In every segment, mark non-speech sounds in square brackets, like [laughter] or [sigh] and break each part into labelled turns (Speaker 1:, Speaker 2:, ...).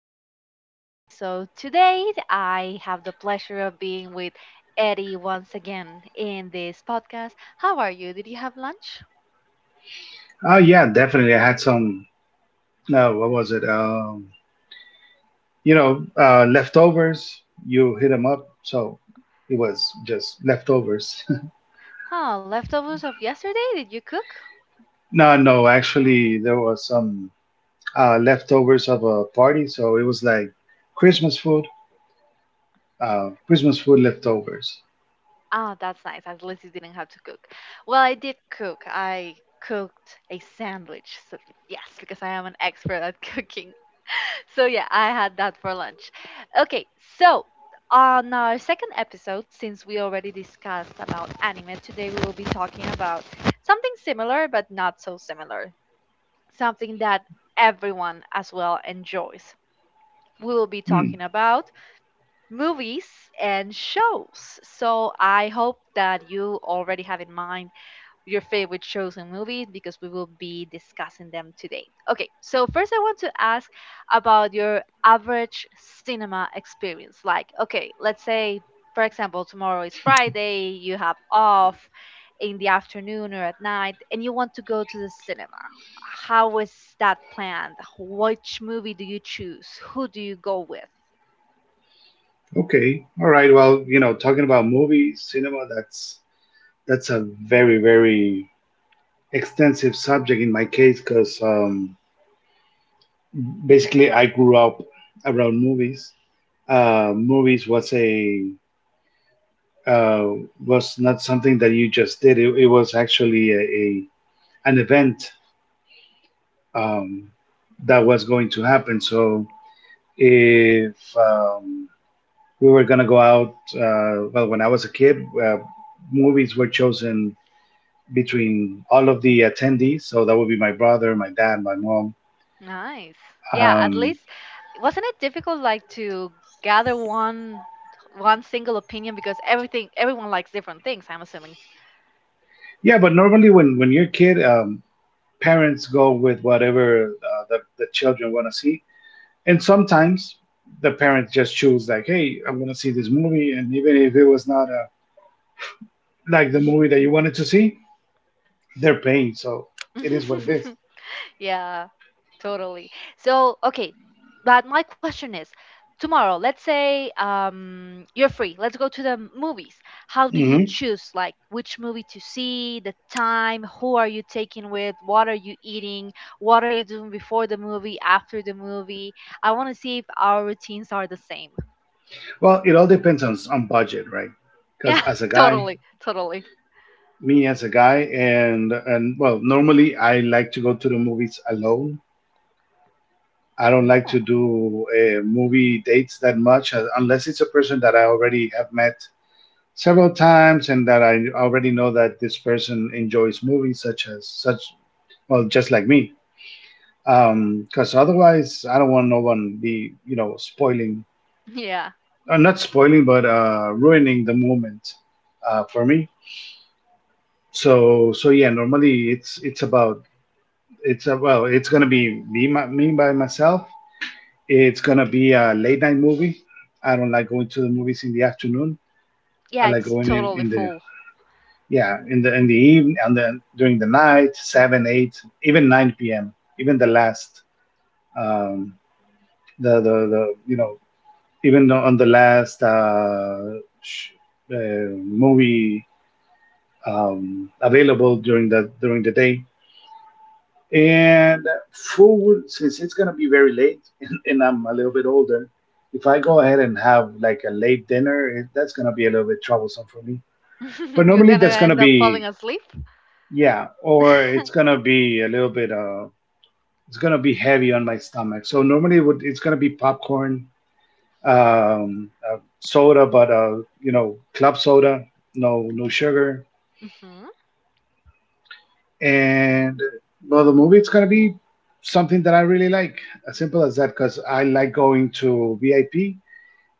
Speaker 1: our second episode. Today, I have the pleasure of being with Eddie once again in this podcast. How are you? Did you have lunch?
Speaker 2: Oh yeah, definitely. I had some. No, what was it? Leftovers. You hit them up, so it was just leftovers.
Speaker 1: Huh, leftovers of yesterday? Did you cook?
Speaker 2: [laughs] No, no. Actually, there was some leftovers of a party, so it was like Christmas food. Christmas food leftovers.
Speaker 1: Ah, that's nice. At least you didn't have to cook. Well, I did cook. I cooked a sandwich. So, yes, because I am an expert at [laughs] cooking. So yeah, I had that for lunch. Okay, so on our second episode, since we already discussed about anime, today we will be talking about something similar but not so similar. Something that everyone as well enjoys. We will be
Speaker 2: Hmm.
Speaker 1: talking about movies and shows. So I hope that you already have in mind your favorite shows and movies because we will be discussing them today. Okay, so first I want to ask about your average cinema experience. Like, okay, let's say, for example, tomorrow is Friday, you have off in the afternoon or at night, and you want to go to the cinema. How is that planned? Which movie do you choose? Who do you go with?
Speaker 2: Okay. All right. Well, you know, talking about movies, cinema, that's a very extensive subject in my case because basically I grew up around movies. Movies was a uh, was not something that you just did. It was actually a an event um, that was going to happen. So if we were gonna go out, well, when I was a kid, uh, movies were chosen between all of the attendees. So that would be my brother, my dad, my mom.
Speaker 1: Nice. Yeah, at
Speaker 2: Um,
Speaker 1: least wasn't it difficult like to gather one single opinion because everything everyone likes different things, I'm assuming.
Speaker 2: yeah, but normally when you're a kid, parents go with whatever the children want to see. And sometimes the parents just choose, like, hey, I'm going to see this movie. And even if it was not like the movie that you wanted to see, they're paying. So it is what it is.
Speaker 1: [laughs] Yeah, totally. So, okay, but my question is, tomorrow, let's say you're free. Let's go to the movies. How do you
Speaker 2: Mhm.
Speaker 1: choose like which movie to see, the time, who are you taking with, what are you eating, what are you doing before the movie, after the movie? I want to see if our routines are the same.
Speaker 2: Well, it all depends on budget, right? Because
Speaker 1: Yeah,
Speaker 2: as a
Speaker 1: [laughs]
Speaker 2: guy,
Speaker 1: totally, totally.
Speaker 2: me as a guy, and well, normally I like to go to the movies alone. I don't like
Speaker 1: Oh,
Speaker 2: to do movie dates that much unless it's a person that I already have met several times and that I already know that this person enjoys movies such as such, well, just like me, because otherwise I don't want no one be, you know, spoiling
Speaker 1: yeah.
Speaker 2: not spoiling but ruining the moment for me. So so yeah, normally it's about it's well, it's gonna be me by myself. It's gonna be a late night movie. I don't like going to the movies in the afternoon. I
Speaker 1: Yeah,
Speaker 2: like
Speaker 1: it's
Speaker 2: going
Speaker 1: totally
Speaker 2: in the
Speaker 1: full.
Speaker 2: yeah, in the evening and then during the night, 7 8 even 9 p.m, even the last um the the, even on the last uh movie available during the day. And food, since it's gonna be very late, [laughs] and I'm a little bit older, if I go ahead and have like a late dinner, that's gonna be a little bit troublesome for me. But
Speaker 1: [laughs] You're
Speaker 2: normally
Speaker 1: gonna
Speaker 2: that's gonna
Speaker 1: end up
Speaker 2: be—
Speaker 1: falling asleep.
Speaker 2: Yeah, or it's
Speaker 1: [laughs]
Speaker 2: gonna be a little bit it's gonna be heavy on my stomach. So normally it would, it's gonna be popcorn, soda, but, you know, club soda, no sugar.
Speaker 1: hmm
Speaker 2: And well, the movie, it's gonna be something that I really like. As simple as that, because I like going to VIP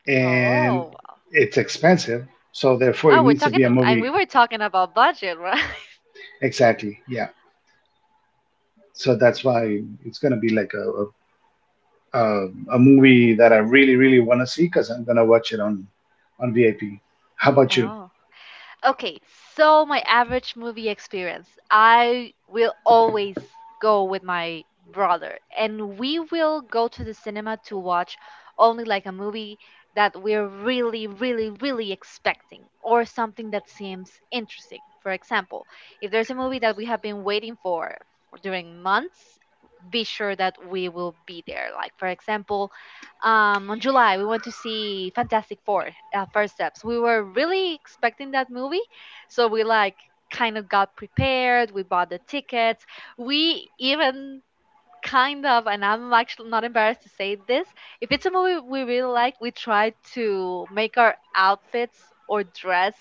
Speaker 2: and
Speaker 1: Oh,
Speaker 2: it's expensive, so therefore it
Speaker 1: oh, we're
Speaker 2: needs to
Speaker 1: talking
Speaker 2: be a
Speaker 1: and
Speaker 2: movie.
Speaker 1: we were talking about budget, right? [laughs]
Speaker 2: Exactly, yeah. So that's why it's gonna be like uh, a movie that I really, really want to see because I'm gonna watch it on VIP. How about you?
Speaker 1: Oh. Okay, so my average movie experience, I will always go with my brother, and we will go to the cinema to watch only like a movie that we're really, really, really expecting or something that seems interesting. For example, if there's a movie that we have been waiting for during months, be sure that we will be there. Like for example, on July we went to see Fantastic Four: First Steps. We were really expecting that movie, so we like kind of got prepared. We bought the tickets. We even kind of, and I'm actually not embarrassed to say this. If it's a movie we really like, we try to make our outfits or dress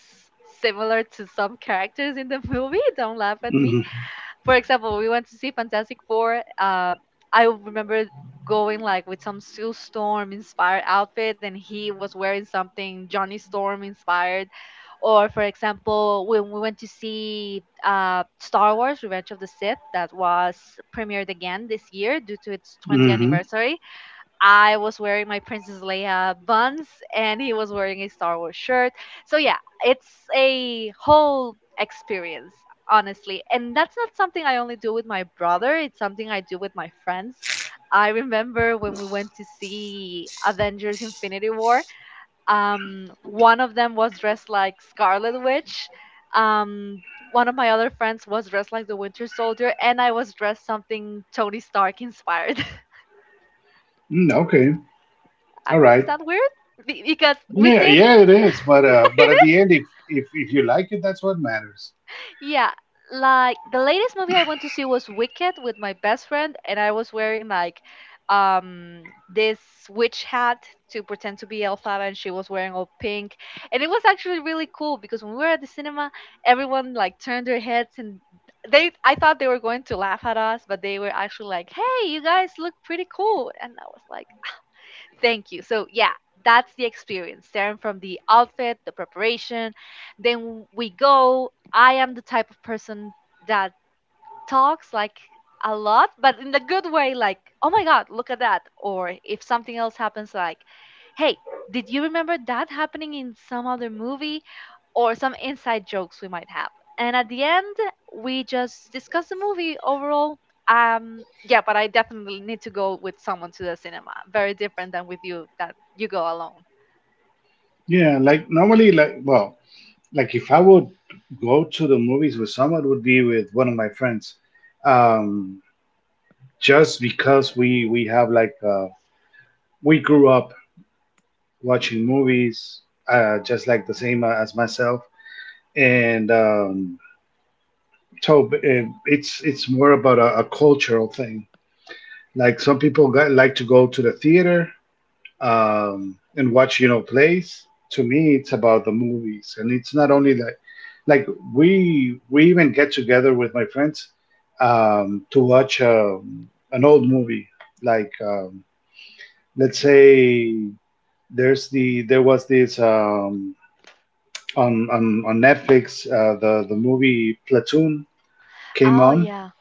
Speaker 1: similar to some characters in the movie. [laughs] Don't laugh at me.
Speaker 2: Mm-hmm.
Speaker 1: For example, we went to see Fantastic Four. I remember going like with some Sue Storm inspired outfit, and he was wearing something Johnny Storm inspired. Or for example, when we went to see Star Wars: Revenge of the Sith, that was premiered again this year due to its 20th
Speaker 2: Mm-hmm.
Speaker 1: anniversary. I was wearing my Princess Leia buns and he was wearing a Star Wars shirt. So yeah, it's a whole experience, honestly. And that's not something I only do with my brother, it's something I do with my friends. I remember when we went to see Avengers Infinity War, one of them was dressed like Scarlet Witch. Um one of my other friends was dressed like the Winter Soldier, and I was dressed something Tony Stark inspired.
Speaker 2: Okay. All
Speaker 1: Is
Speaker 2: right.
Speaker 1: that weird? Because we
Speaker 2: Yeah,
Speaker 1: did,
Speaker 2: yeah, it is.
Speaker 1: [laughs] you
Speaker 2: But
Speaker 1: know?
Speaker 2: at the end, if you like it, that's what matters.
Speaker 1: Yeah, like the latest movie I went to see was Wicked with my best friend, and I was wearing like this witch hat to pretend to be Elphaba, and she was wearing all pink, and it was actually really cool because when we were at the cinema, everyone like turned their heads and they I thought they were going to laugh at us, but they were actually like, "Hey, you guys look pretty cool," and I was like, thank you. So, yeah, that's the experience, starting from the outfit, the preparation. Then we go. I am the type of person that talks like a lot, but in the good way, like, oh my God, look at that. Or if something else happens, like, hey, did you remember that happening in some other movie? Or some inside jokes we might have. And at the end, we just discuss the movie overall. Yeah, but I definitely need to go with someone to the cinema. Very different than with you, that you go alone.
Speaker 2: Yeah, like normally, like well, like if I would go to the movies with someone, it would be with one of my friends, um, just because we have like we grew up watching movies, just like the same as myself, and so it's more about a cultural thing. Like some people got, like to go to the theater, and watch, you know, plays. To me, it's about the movies, and it's not only like like we even get together with my friends to watch an old movie. Like let's say there was this on Netflix, the movie Platoon came
Speaker 1: Oh,
Speaker 2: on.
Speaker 1: yeah.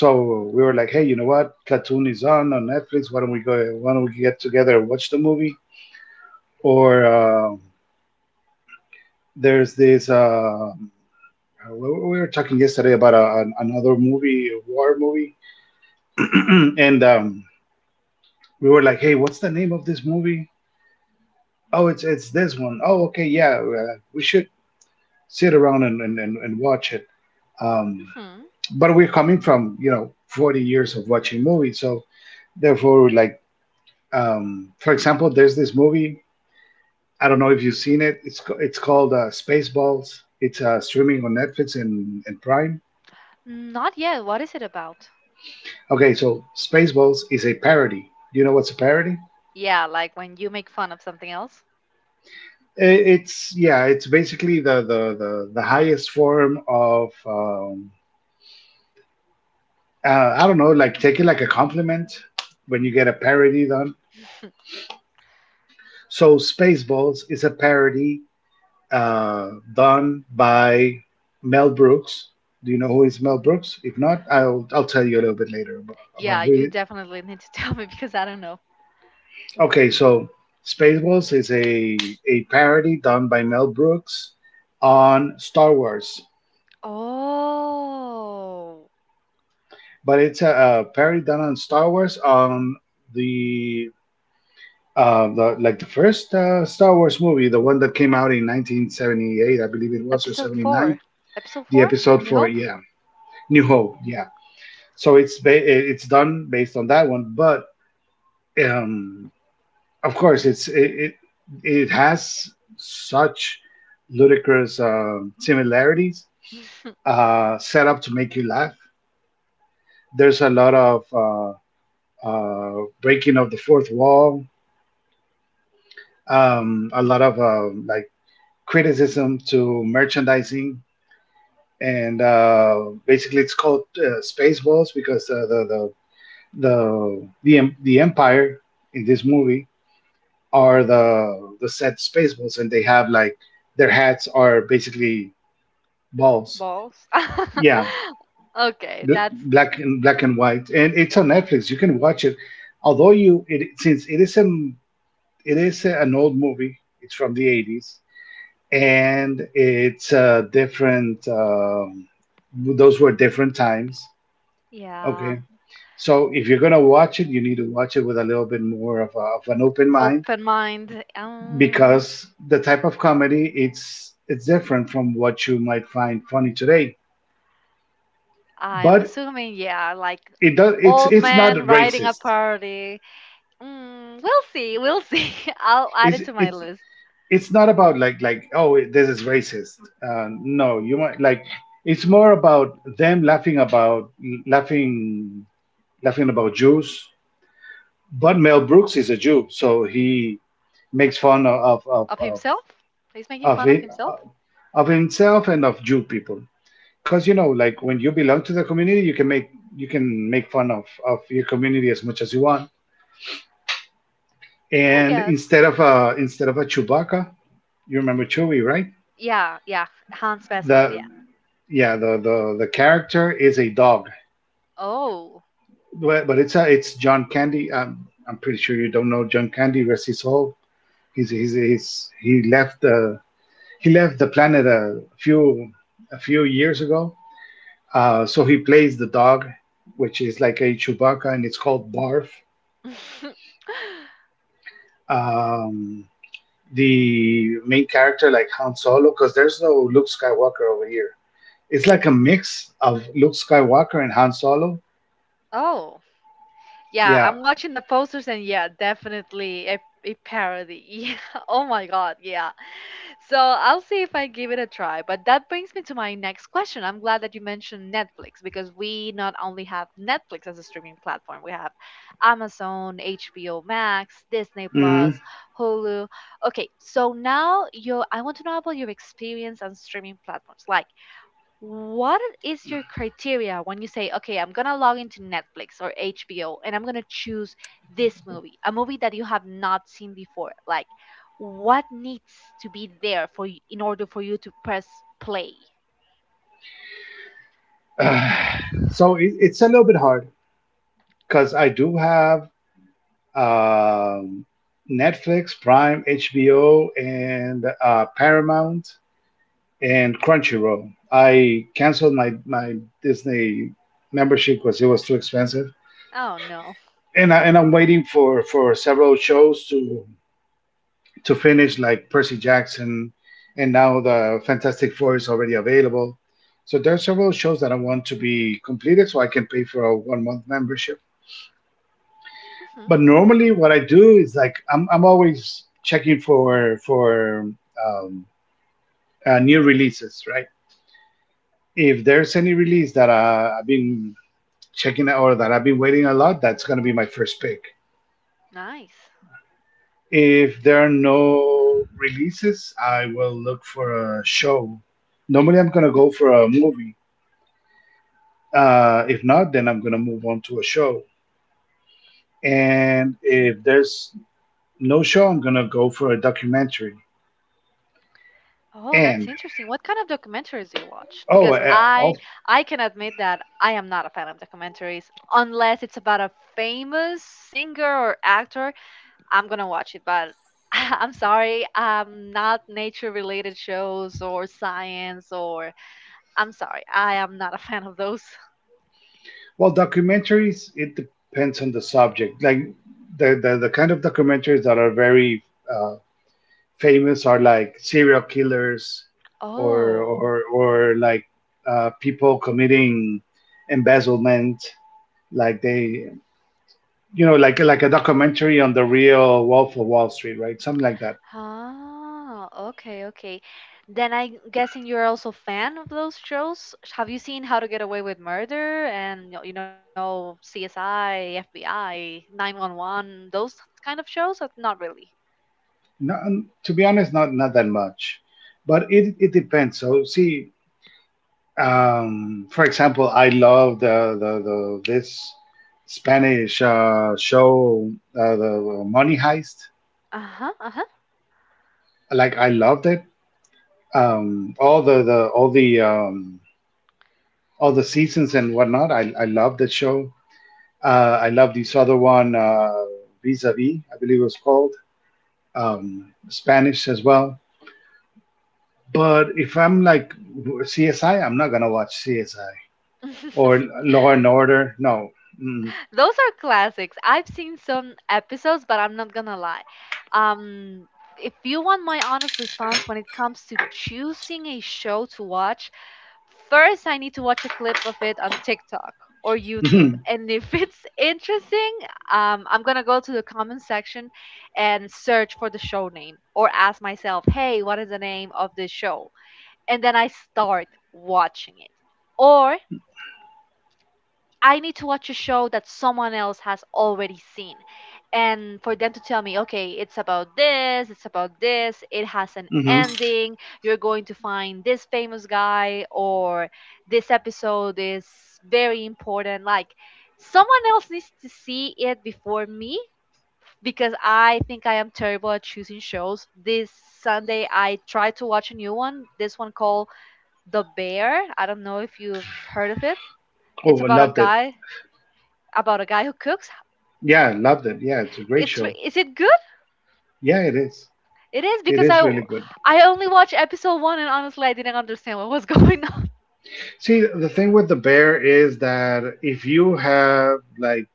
Speaker 2: So we were like, hey, you know what? Platoon is on Netflix. Why don't we go? Why don't we get together and watch the movie? Or there's this. We were talking yesterday about an- another movie, a war movie, [clears throat] and we were like, hey, what's the name of this movie? Oh, it's this one. Oh, okay, yeah, we should sit around and watch it. Um,
Speaker 1: hmm
Speaker 2: but we're coming from, you know, 40 years of watching movies, so therefore, like for example, there's this movie, I don't know if you've seen it. It's called Spaceballs. It's streaming on Netflix and Prime.
Speaker 1: Not yet. What is it about?
Speaker 2: Okay, so Spaceballs is a parody. Do you know what's a parody?
Speaker 1: Yeah, like when you make fun of something else.
Speaker 2: It's, yeah, it's basically the highest form of I don't know, like take it like a compliment when you get a parody done. So Spaceballs is a parody done by Mel Brooks. Do you know who is Mel Brooks? If not, I'll tell you a little bit later about
Speaker 1: Yeah,
Speaker 2: who—
Speaker 1: you definitely need to [laughs] tell me because I don't know.
Speaker 2: Okay, so Spaceballs is a parody done by Mel Brooks on Star Wars,
Speaker 1: Oh,
Speaker 2: but it's a parody done on Star Wars on the the like the first Star Wars movie, the one that came out in 1978, I believe it was, or
Speaker 1: episode
Speaker 2: 79.
Speaker 1: four. Episode
Speaker 2: The
Speaker 1: four?
Speaker 2: episode
Speaker 1: A New
Speaker 2: for,
Speaker 1: Hope?
Speaker 2: yeah, New Hope, yeah. So it's it's done based on that one, but um, of course, it has such ludicrous similarities
Speaker 1: [laughs]
Speaker 2: set up to make you laugh. There's a lot of uh, breaking of the fourth wall, a lot of like criticism to merchandising, and basically it's called Spaceballs because the empire in this movie are
Speaker 1: hmm
Speaker 2: the set space balls, and they have like their hats are basically balls.
Speaker 1: Balls.
Speaker 2: Yeah,
Speaker 1: [laughs] Okay, that's
Speaker 2: black and black and white, and it's on Netflix. You can watch it. Although since it is an old movie. It's from the '80s, and it's a different. Those were different times.
Speaker 1: yeah.
Speaker 2: Okay, so if you're gonna watch it, you need to watch it with a little bit more of, of an open mind,
Speaker 1: Open mind.
Speaker 2: because the type of comedy, it's different from what you might find funny today.
Speaker 1: I'm
Speaker 2: But
Speaker 1: assuming, yeah, like
Speaker 2: it does— it's
Speaker 1: old
Speaker 2: not
Speaker 1: man riding a
Speaker 2: racist.
Speaker 1: party. Mm, we'll see. We'll see. [laughs] I'll add
Speaker 2: It's
Speaker 1: it to my
Speaker 2: it's
Speaker 1: list.
Speaker 2: it's not about like, oh, this is racist. No, you might like— it's more about them laughing about laughing laughing about Jews. But Mel Brooks is a Jew, so he makes fun of of
Speaker 1: Of
Speaker 2: of
Speaker 1: himself. He's making
Speaker 2: of,
Speaker 1: fun of
Speaker 2: of,
Speaker 1: himself,
Speaker 2: of himself and of Jew people. Because, you know, like when you belong to the community you can make— you can make fun of your community as much as you want.
Speaker 1: I
Speaker 2: And
Speaker 1: guess.
Speaker 2: instead of a chewbacca, you remember chewie, right?
Speaker 1: Yeah, yeah. Han's best friend.
Speaker 2: the
Speaker 1: Yeah.
Speaker 2: yeah the character is a dog,
Speaker 1: Oh.
Speaker 2: but it's a, it's john candy. I'm pretty sure you don't know john candy, rest his soul. He's he's he left the planet a few years ago. So he plays the dog which is like a chewbacca and it's called barf.
Speaker 1: [laughs]
Speaker 2: um, the main character like Han Solo, because there's no Luke Skywalker over here. It's like a mix of Luke Skywalker and Han Solo.
Speaker 1: Oh, yeah,
Speaker 2: Yeah.
Speaker 1: I'm watching the posters and yeah, definitely a parody. [laughs] Yeah. Oh my God, yeah. So I'll see if I give it a try. But that brings me to my next question. I'm glad that you mentioned Netflix because we not only have Netflix as a streaming platform, we have Amazon, HBO Max, Disney
Speaker 2: Hmm.
Speaker 1: Plus, Hulu. Okay, so now you I want to know about your experience on streaming platforms. Like, what is your criteria when you say, okay, I'm gonna log into Netflix or HBO and I'm gonna choose this movie, a movie that you have not seen before? Like, what needs to be there for you in order for you to press play?
Speaker 2: [sighs] So it's a little bit hard because I do have um, Netflix, Prime, HBO, and Paramount and Crunchyroll. I canceled my Disney membership because it was too expensive,
Speaker 1: Oh no.
Speaker 2: and I'm waiting for several shows to finish, like Percy Jackson, and now the Fantastic Four is already available. So there are several shows that I want to be completed so I can pay for a 1 month membership.
Speaker 1: hmm
Speaker 2: But normally, what I do is like I'm always checking for um, new releases, right? If there's any release that I've been checking out or that I've been waiting a lot, that's gonna be my first pick.
Speaker 1: Nice.
Speaker 2: If there are no releases, I will look for a show. Normally, I'm gonna go for a movie. If not, then I'm gonna move on to a show. And if there's no show, I'm gonna go for a documentary.
Speaker 1: Oh, that's
Speaker 2: And—
Speaker 1: interesting. What kind of documentaries do you watch?
Speaker 2: oh,
Speaker 1: Because
Speaker 2: uh,
Speaker 1: I
Speaker 2: well,
Speaker 1: I can admit that I am not a fan of documentaries unless it's about a famous singer or actor I'm gonna watch it, but [laughs] I'm sorry, not nature related shows or science or I'm sorry, I am not a [laughs] fan of those. [laughs]
Speaker 2: well, documentaries, it depends on the subject. Like the kind of documentaries that are very uh, famous are like serial killers, or
Speaker 1: Oh,
Speaker 2: like people committing embezzlement, like they, you know, like a documentary on the real wolf of wall street, right, something like that.
Speaker 1: ah, okay, okay. Then I'm guessing you're also a fan of those shows. Have you seen How to Get Away with Murder and you know CSI, FBI, 911, those kind of shows? Or not really.
Speaker 2: No, to be honest, not that much, but it depends. So see, for example, I love the this spanish show, the money heist.
Speaker 1: Uh-huh,
Speaker 2: Like I loved it. All the all the all the seasons and whatnot. I love the show. I love this other one, Vis a Vis, I believe it was called, Spanish as well. But if I'm like CSI, I'm not gonna watch CSI
Speaker 1: uh-huh.
Speaker 2: or
Speaker 1: [laughs]
Speaker 2: Law and Order. No.
Speaker 1: Those are classics. I've seen some episodes, but I'm not gonna lie. Um, if you want my honest response when it comes to choosing a show to watch, first I need to watch a clip of it on TikTok or YouTube.
Speaker 2: Mm-hmm.
Speaker 1: And if [laughs] it's interesting, I'm gonna go to the comment section and search for the show name or ask myself, hey, what is the name of this show? And then I start watching it. Or I need to watch a show that someone else has already seen. And for them to tell me, okay, it's about this, it has an
Speaker 2: Hmm.
Speaker 1: ending, you're going to find this famous guy, or this episode is very important. Like, someone else needs to see it before me because I think I am terrible at choosing shows. This Sunday, I tried to watch a new one, this one called The Bear. I don't know if you've heard of it. It's
Speaker 2: Oh, I
Speaker 1: about a
Speaker 2: loved it.
Speaker 1: guy, who cooks.
Speaker 2: Yeah, I loved it. Yeah, it's a great
Speaker 1: It's
Speaker 2: show.
Speaker 1: re- is it good?
Speaker 2: Yeah, it is.
Speaker 1: It is
Speaker 2: It
Speaker 1: because
Speaker 2: is
Speaker 1: I
Speaker 2: really good.
Speaker 1: I only watched episode one and honestly I didn't understand what was [laughs] going on.
Speaker 2: See, the thing with the bear is that if you have like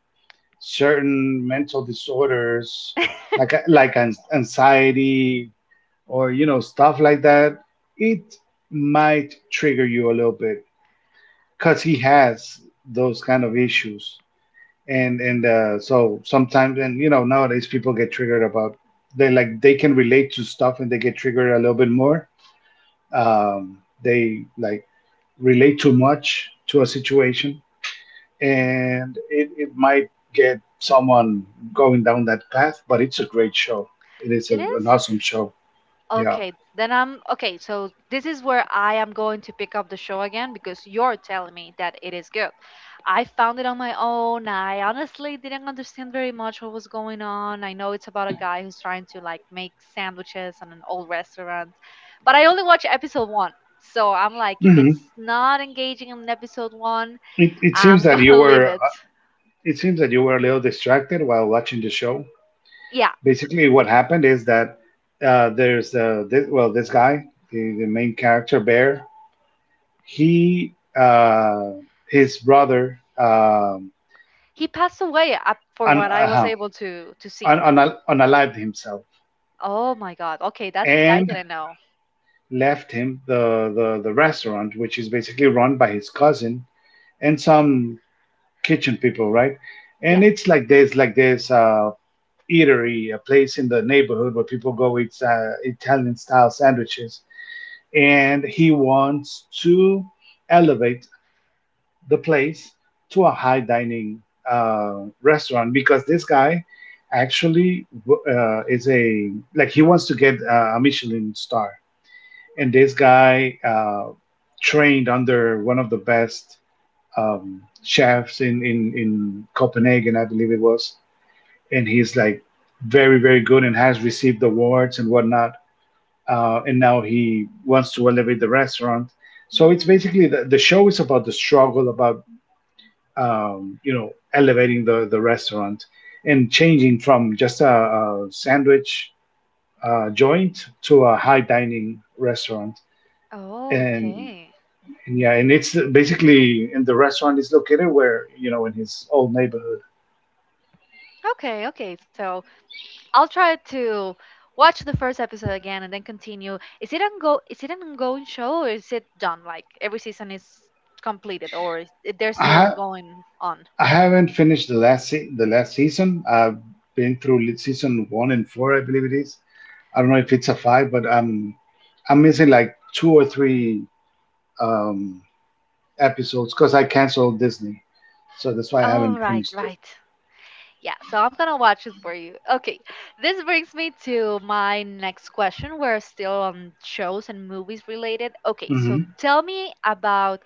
Speaker 2: certain mental disorders, like anxiety, or you know stuff like that, it might trigger you a little bit because he has those kind of issues. And so sometimes, and you know nowadays people get triggered about, they like they can relate to stuff and they get triggered a little bit more. They like relate too much to a situation, and it might get someone going down that path. But it's a great show, it is
Speaker 1: It
Speaker 2: an
Speaker 1: is
Speaker 2: awesome show. Yeah.
Speaker 1: okay. Then I'm okay. So this is where I am going to pick up the show again because you're telling me that it is good. I found it on my own. I honestly didn't understand very much what was going on. I know it's about a guy who's trying to like make sandwiches in an old restaurant, but I only watched episode one. So I'm like, if
Speaker 2: Hmm.
Speaker 1: it's not engaging in episode one,
Speaker 2: It seems
Speaker 1: I'm [laughs]
Speaker 2: that you
Speaker 1: gonna leave
Speaker 2: were
Speaker 1: it.
Speaker 2: it seems that you were a little distracted while watching the show.
Speaker 1: Yeah,
Speaker 2: Basically what happened is that, there's this, well, this guy, the main character bear, he, uh, his brother,
Speaker 1: he passed away up for
Speaker 2: un,
Speaker 1: what I was
Speaker 2: uh,
Speaker 1: able to see.
Speaker 2: unalived himself
Speaker 1: Oh my God. Okay, that I
Speaker 2: and
Speaker 1: didn't know.
Speaker 2: left him the restaurant, which is basically run by his cousin and some kitchen people, right? And
Speaker 1: Yeah.
Speaker 2: it's like this, like this eatery, a place in the neighborhood where people go eat Italian style sandwiches. And he wants to elevate the place to a high dining restaurant, because this guy actually, is a like he wants to get a Michelin star. And this guy trained under one of the best chefs in, in Copenhagen, I believe it was. And he's like very, very good and has received awards and whatnot. And now he wants to elevate the restaurant. So it's
Speaker 1: Mm.
Speaker 2: basically the show is about the struggle about, you know, elevating the restaurant and changing from just a sandwich joint to a high dining restaurant. And
Speaker 1: Okay.
Speaker 2: And yeah, and it's basically, and the restaurant is located, where, you know, in his old neighborhood.
Speaker 1: Okay. Okay. So I'll try to watch the first episode again and then continue. Is it ongo? Is it an ongoing show or is it done? Like every season is completed or they're
Speaker 2: I
Speaker 1: still
Speaker 2: ha-
Speaker 1: going on?
Speaker 2: I haven't finished the last season. I've been through season one and four, I believe it is. I don't know if it's a five, but I'm missing like two or three um, episodes because I canceled Disney, so that's why I
Speaker 1: Oh,
Speaker 2: haven't
Speaker 1: right,
Speaker 2: finished it.
Speaker 1: right. Yeah, so I'm gonna watch it for you. Okay, this brings me to my next question. We're still on shows and movies related. Okay, so
Speaker 2: Hmm.
Speaker 1: tell me about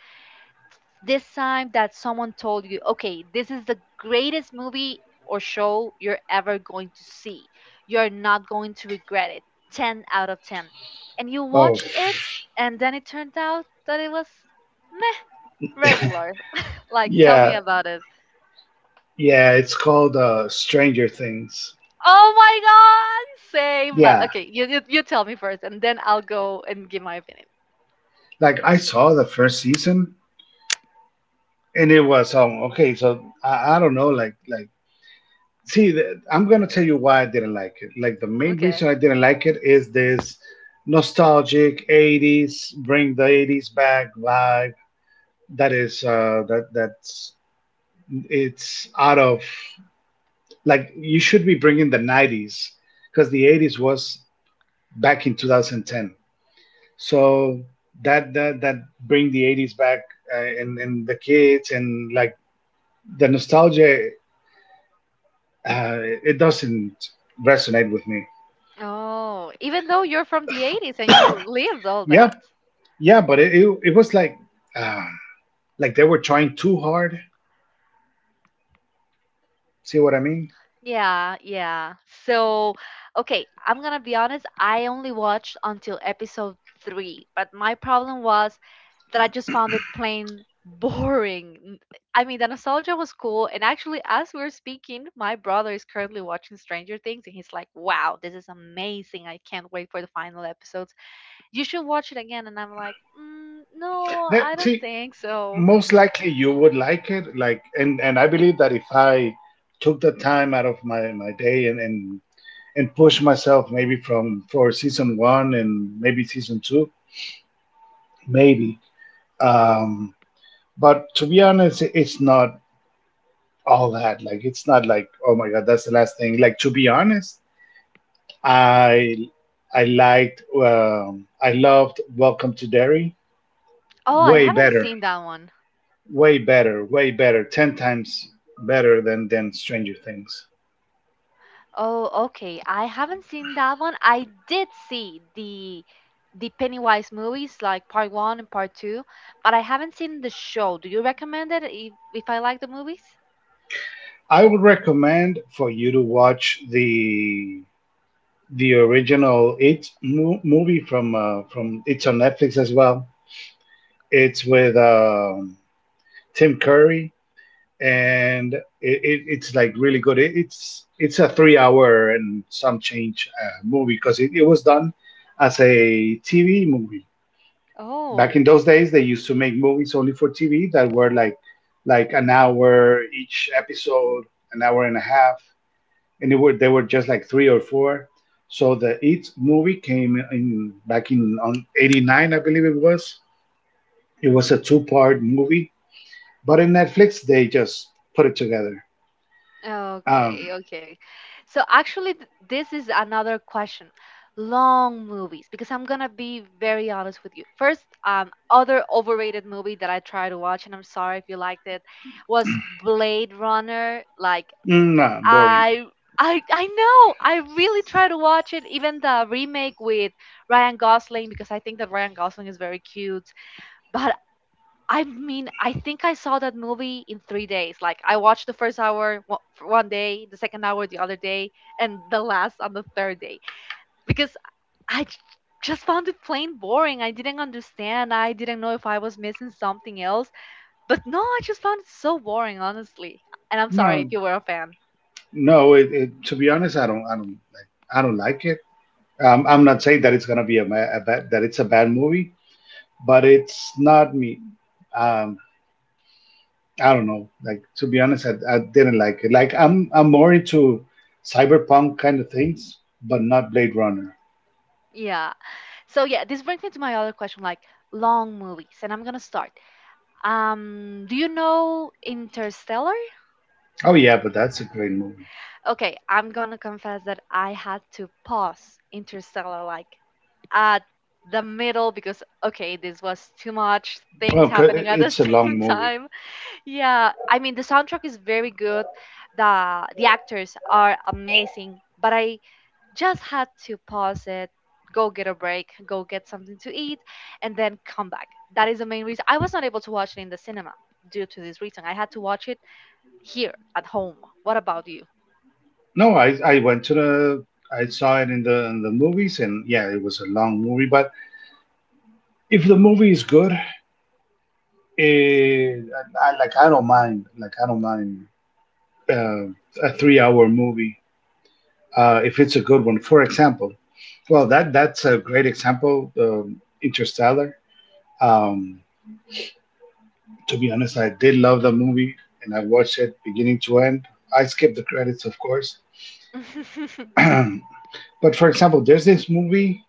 Speaker 1: this time that someone told you, okay, this is the greatest movie or show you're ever going to see. You're not going to regret it. 10 out of 10. And you
Speaker 2: Oh,
Speaker 1: watched it, and then it turned out that it was meh, regular. Like, tell me
Speaker 2: yeah,
Speaker 1: about
Speaker 2: yeah. It's called, Stranger Things.
Speaker 1: Oh my God, same. But
Speaker 2: Yeah,
Speaker 1: okay, you tell me first, and then I'll go and give my opinion.
Speaker 2: like I saw the first season and it was, um, okay. So I don't know, like see, I'm gonna tell you why I didn't like it. Like the main
Speaker 1: Okay.
Speaker 2: reason I didn't like it is this nostalgic '80s, bring the '80s back vibe. That is that's it's out of, like you should be bringing the '90s, because the '80s was back in 2010. So that bring the '80s back, and the kids, and like the nostalgia, uh, it doesn't resonate with me.
Speaker 1: Oh, even though you're from the 80s and you lived all
Speaker 2: Yeah,
Speaker 1: that.
Speaker 2: yeah, but it was like, uh, like they were trying too hard. See what I mean?
Speaker 1: Yeah, yeah. So, okay, I'm gonna be honest. I only watched until episode three, but my problem was that I just found it plain boring. I mean, the nostalgia was cool. And actually, as we're speaking, my brother is currently watching Stranger Things and he's like, wow, this is amazing. I can't wait for the final episodes. You should watch it again. And I'm like, mm, no, I
Speaker 2: That,
Speaker 1: don't
Speaker 2: see,
Speaker 1: think so.
Speaker 2: most likely you would like it. Like, and I believe that if I took the time out of my day and push myself maybe from for season one and maybe season two, maybe. Um, but to be honest, it's not all that. Like, it's not like oh my god, that's the last thing. Like to be honest, I I liked, I loved Welcome to Derry
Speaker 1: Oh, I
Speaker 2: way
Speaker 1: haven't
Speaker 2: better,
Speaker 1: seen that one.
Speaker 2: way better, way better, ten times better than Stranger Things.
Speaker 1: Oh, okay. I haven't seen that one. I did see the Pennywise movies like part one and part two, but I haven't seen the show. Do you recommend it if I like the movies?
Speaker 2: I would recommend for you to watch the original movie, from it's on Netflix as well. It's with, Tim Curry, and it's like really good. It's a 3 hour and some change movie, because it was done as a TV movie. Back in
Speaker 1: Oh,
Speaker 2: those days, they used to make movies only for TV that were like an hour each episode, an hour and a half, and it were they were just like three or four. So the It movie came in back in on '89, I believe it was. It was a two-part movie, but in Netflix they just put it together. Um.
Speaker 1: okay, okay. So actually, this is another question. Long movies, because I'm gonna be very honest with you. First, other overrated movie that I tried to watch, and I'm sorry if you liked it, was Blade Runner. Like
Speaker 2: Mm, nah, boring.
Speaker 1: I, I know I really tried to watch it, even the remake with Ryan Gosling, because I think that Ryan Gosling is very cute. But I mean, I think I saw that movie in 3 days. Like, I watched the first hour for 1 day, the second hour the other day, and the last on the third day because I j- just found it plain boring. I didn't understand. I didn't know if I was missing something else. But no, I just found it so boring, honestly. And I'm sorry
Speaker 2: No,
Speaker 1: if you were a fan.
Speaker 2: no. To be honest, I don't like it. I'm not saying that it's gonna be a, ma- a bad, that it's a bad movie, but it's not me. Um, I don't know. Like to be honest, I didn't like it. Like I'm more into cyberpunk kind of things, but not Blade Runner.
Speaker 1: Yeah. So yeah, this brings me to my other question, like long movies. And I'm gonna start. Do you know Interstellar?
Speaker 2: Oh yeah, but that's a great movie.
Speaker 1: Okay, I'm gonna confess that I had to pause Interstellar like at the middle because okay, this was too much things
Speaker 2: Well,
Speaker 1: happening at the [laughs]
Speaker 2: it's a long
Speaker 1: same
Speaker 2: movie.
Speaker 1: time. Yeah, I mean the soundtrack is very good. The actors are amazing, but I just had to pause it, go get a break, go get something to eat, and then come back. That is the main reason. I was not able to watch it in the cinema due to this reason. I had to watch it here at home. What about you?
Speaker 2: No, I went to the, I saw it in the movies, and yeah, it was a long movie, but if the movie is good, eh, I don't mind, like I don't mind, uh, a three-hour movie, if it's a good one. For example, well, that's a great example, Interstellar. Um, to be honest, I did love the movie, and I watched it beginning to end. I skipped the credits, of course.
Speaker 1: [laughs]
Speaker 2: [clears throat] but for example, there's this movie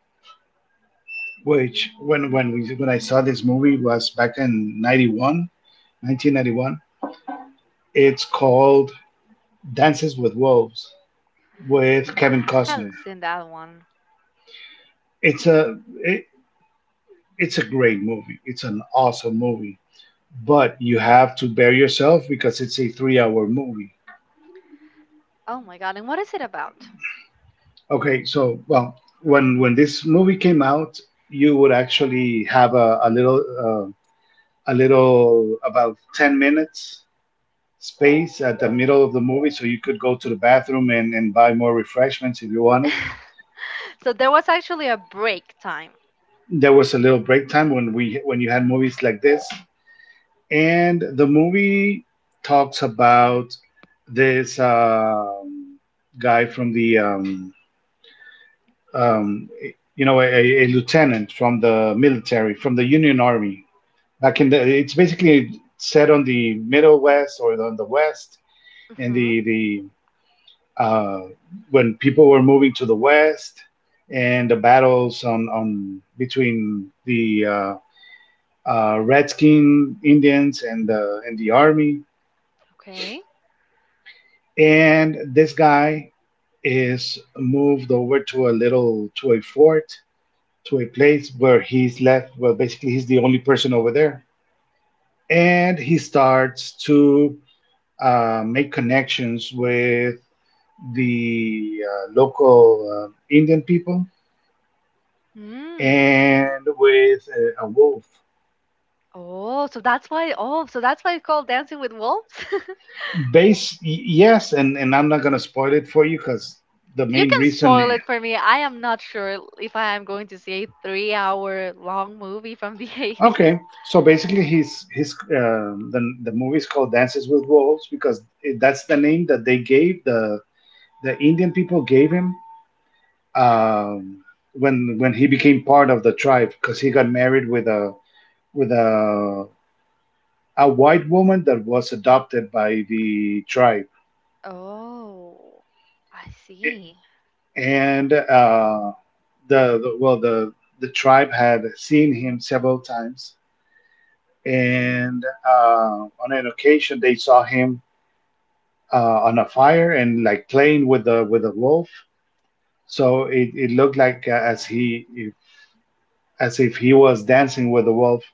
Speaker 2: which when I saw this movie was back in 91, 1991. It's called Dances with Wolves with Kevin
Speaker 1: I haven't
Speaker 2: Costner.
Speaker 1: seen that one.
Speaker 2: It's a it, it's a great movie. It's an awesome movie, but you have to bear yourself because it's a three-hour movie.
Speaker 1: Oh my god, and what is it about?
Speaker 2: Okay, so well, when this movie came out, you would actually have a little, a little about 10 minutes space at the middle of the movie, so you could go to the bathroom and buy more refreshments if you wanted.
Speaker 1: [laughs] So there was actually a break time.
Speaker 2: There was a little break time when you had movies like this. And the movie talks about this, guy from the, um, you know, a lieutenant from the military, from the Union Army, back in the, it's basically set on the middle west or on the west, and
Speaker 1: Hmm.
Speaker 2: the uh, when people were moving to the west, and the battles on between the, redskin Indians and the army.
Speaker 1: Okay.
Speaker 2: And this guy is moved over to a little to a fort, to a place where he's left, well basically he's the only person over there, and he starts to, make connections with the, local, indian people,
Speaker 1: Hmm.
Speaker 2: and with a wolf.
Speaker 1: Oh, so that's why. Oh, so that's why it's called Dancing with Wolves.
Speaker 2: Base Yes, and I'm not going to spoil it for you because, the
Speaker 1: [laughs] You
Speaker 2: main
Speaker 1: can
Speaker 2: reason,
Speaker 1: spoil it for me. I am not sure if I am going to see a three-hour-long movie from the [laughs] eighties.
Speaker 2: okay, so basically, his the movie is called Dances with Wolves because that's the name that the Indian people gave him, um, when he became part of the tribe, because he got married with a with a a white woman that was adopted by the tribe.
Speaker 1: Oh, I
Speaker 2: I-
Speaker 1: see.
Speaker 2: and the well the tribe had seen him several times, and on an occasion they saw him, on a fire and like playing with the wolf. So it looked like, as if he was dancing with the wolf.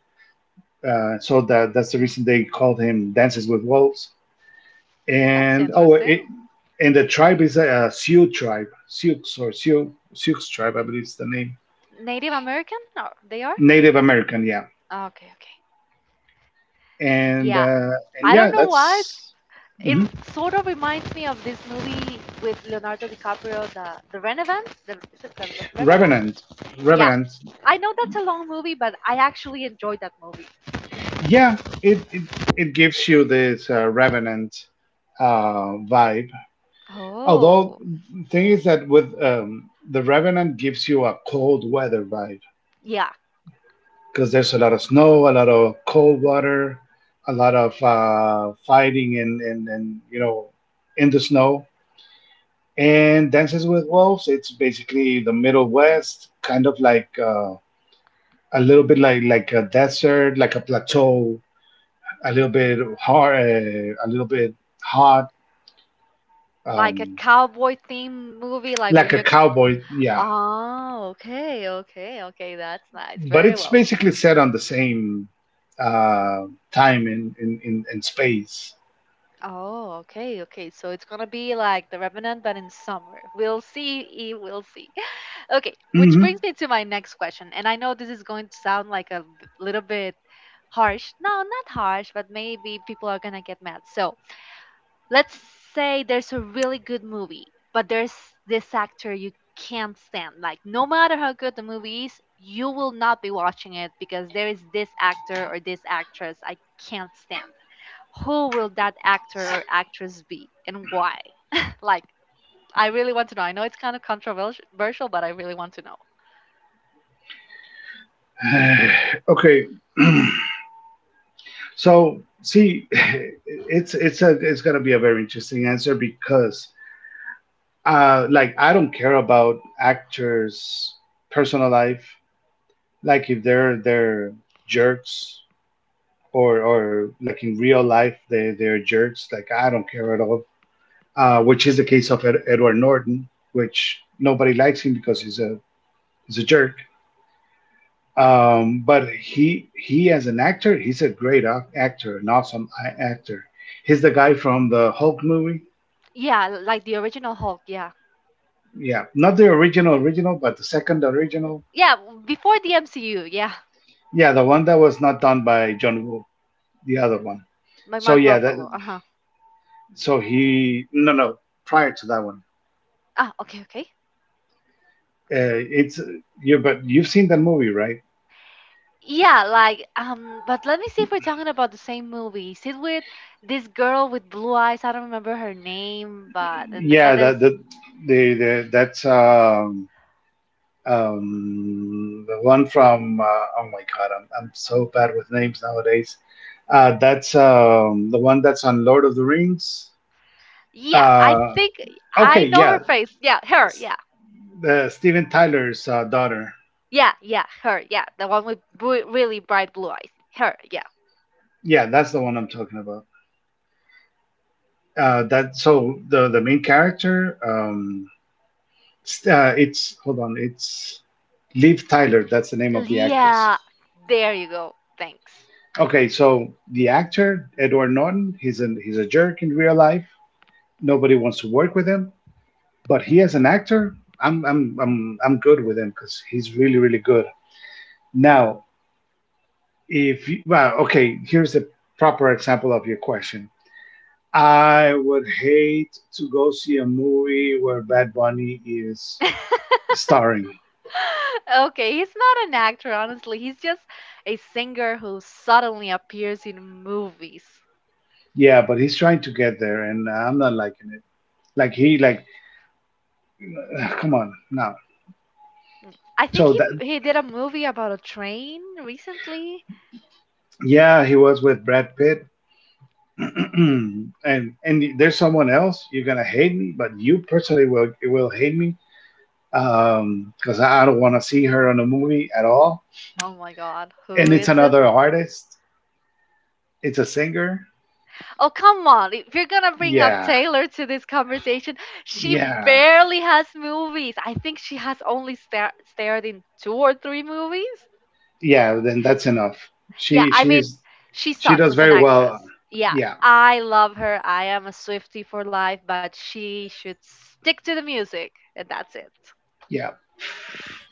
Speaker 2: So that's the reason they called him Dances with Wolves.
Speaker 1: That's
Speaker 2: And oh, it,
Speaker 1: interesting.
Speaker 2: and the tribe is a Sioux tribe, Sioux or Sioux Sioux tribe, I believe is the name.
Speaker 1: Native American? They are?
Speaker 2: Native American, yeah.
Speaker 1: Okay, okay. Yeah,
Speaker 2: And uh,
Speaker 1: I don't
Speaker 2: and
Speaker 1: know
Speaker 2: yeah,
Speaker 1: why.
Speaker 2: that's.
Speaker 1: It
Speaker 2: Mhm.
Speaker 1: sort of reminds me of this movie with Leonardo DiCaprio, the Revenant. The, is it the Revenant?
Speaker 2: Revenant.
Speaker 1: Yeah,
Speaker 2: Revenant.
Speaker 1: I know that's a long movie, but I actually enjoyed that movie.
Speaker 2: Yeah, it gives you this, Revenant vibe. Although,
Speaker 1: Oh.
Speaker 2: thing is that with, the Revenant gives you a cold weather vibe,
Speaker 1: Yeah,
Speaker 2: because there's a lot of snow, a lot of cold water, a lot of, fighting, and, and you know, in the snow. And Dances with Wolves, it's basically the Middle West, kind of like, a little bit like a desert, like a plateau, a little bit hard, a little bit hot,
Speaker 1: like a
Speaker 2: um,
Speaker 1: cowboy theme movie, like where
Speaker 2: like a
Speaker 1: you
Speaker 2: cowboy. Yeah,
Speaker 1: oh, okay, okay, okay. That's nice.
Speaker 2: but
Speaker 1: Very
Speaker 2: it's
Speaker 1: well.
Speaker 2: basically set on the same, uh, time in, in space.
Speaker 1: Oh okay, okay, so it's gonna be like the Revenant, but in summer. We'll see. We'll see. Okay, which
Speaker 2: Hmm.
Speaker 1: brings me to my next question. And I know this is going to sound like a little bit harsh. No, not harsh, but maybe people are going to get mad. So let's say there's a really good movie, but there's this actor you can't stand. Like, no matter how good the movie is, you will not be watching it because there is this actor or this actress I can't stand. Who will that actor or actress be and why? Like, I really want to know. I know it's kind of controversial, but I really want to know.
Speaker 2: [sighs] okay, [clears throat] so see, [laughs] it's gonna be a very interesting answer because, like I don't care about actors' personal life, like if they're jerks, or like in real life they're jerks. Like I don't care at all, which is the case of Edward Norton, which nobody likes him because he's a jerk. But he as an actor, he's a great actor, an awesome actor. He's the guy from the Hulk movie.
Speaker 1: Yeah, like the original Hulk, yeah.
Speaker 2: Yeah, not the original original, but the second original.
Speaker 1: Yeah, before the MCU, yeah.
Speaker 2: Yeah, the one that was not done by John Woo, the other one.
Speaker 1: By
Speaker 2: So
Speaker 1: Mark
Speaker 2: yeah, that,
Speaker 1: Ruffalo. Uh-huh.
Speaker 2: so he no no prior to that one.
Speaker 1: Ah, okay, okay.
Speaker 2: It's But you've seen that movie, right?
Speaker 1: Yeah, like but let me see if we're talking about the same movie. Is it with this girl with blue eyes? I don't remember her name, but and
Speaker 2: Yeah,
Speaker 1: that
Speaker 2: that
Speaker 1: there's
Speaker 2: the the, that's the one from oh my god, I'm so bad with names nowadays. That's the one that's on Lord of the Rings.
Speaker 1: yeah, I
Speaker 2: Uh,
Speaker 1: think I
Speaker 2: okay,
Speaker 1: know her
Speaker 2: yeah,
Speaker 1: face. Yeah, her.
Speaker 2: s-
Speaker 1: Yeah.
Speaker 2: the Steven Tyler's daughter.
Speaker 1: Yeah, yeah, her. Yeah, the one with really bright blue eyes. Her. Yeah.
Speaker 2: Yeah, that's the one I'm talking about. That so the main character. It's Liv Tyler. That's the name of the actress.
Speaker 1: Yeah, there you go. Thanks.
Speaker 2: Okay, so the actor Edward Norton, he's a jerk in real life. Nobody wants to work with him. But he as an actor, I'm good with him because he's really really good. Now, if you, well, okay, here's a proper example of your question. I would hate to go see a movie where Bad Bunny is
Speaker 1: [laughs]
Speaker 2: starring.
Speaker 1: [laughs] Okay, he's not an actor, honestly. He's just a singer who suddenly appears in movies.
Speaker 2: Yeah, but he's trying to get there, and I'm not liking it. Like, ugh, come on no.
Speaker 1: I think
Speaker 2: So
Speaker 1: he
Speaker 2: that
Speaker 1: he did a movie about a train recently.
Speaker 2: Yeah, he was with Brad Pitt, [clears throat] and there's someone else. You're gonna hate me, but you personally will hate me. Because I don't want to see her in a movie at all.
Speaker 1: Oh my God, who
Speaker 2: And it's
Speaker 1: is it?
Speaker 2: another artist. It's a singer.
Speaker 1: Oh, come on. If you're gonna bring up
Speaker 2: Yeah,
Speaker 1: Taylor to this conversation, she
Speaker 2: yeah,
Speaker 1: barely has movies. I think she has only starred in two or three movies.
Speaker 2: yeah. Then that's enough.
Speaker 1: Yeah,
Speaker 2: She
Speaker 1: I mean,
Speaker 2: she's
Speaker 1: she
Speaker 2: she
Speaker 1: sucks
Speaker 2: does
Speaker 1: as an
Speaker 2: very well.
Speaker 1: actress. Yeah,
Speaker 2: Yeah,
Speaker 1: I love her. I am a Swifty for life, but she should stick to the music, and that's it.
Speaker 2: yeah.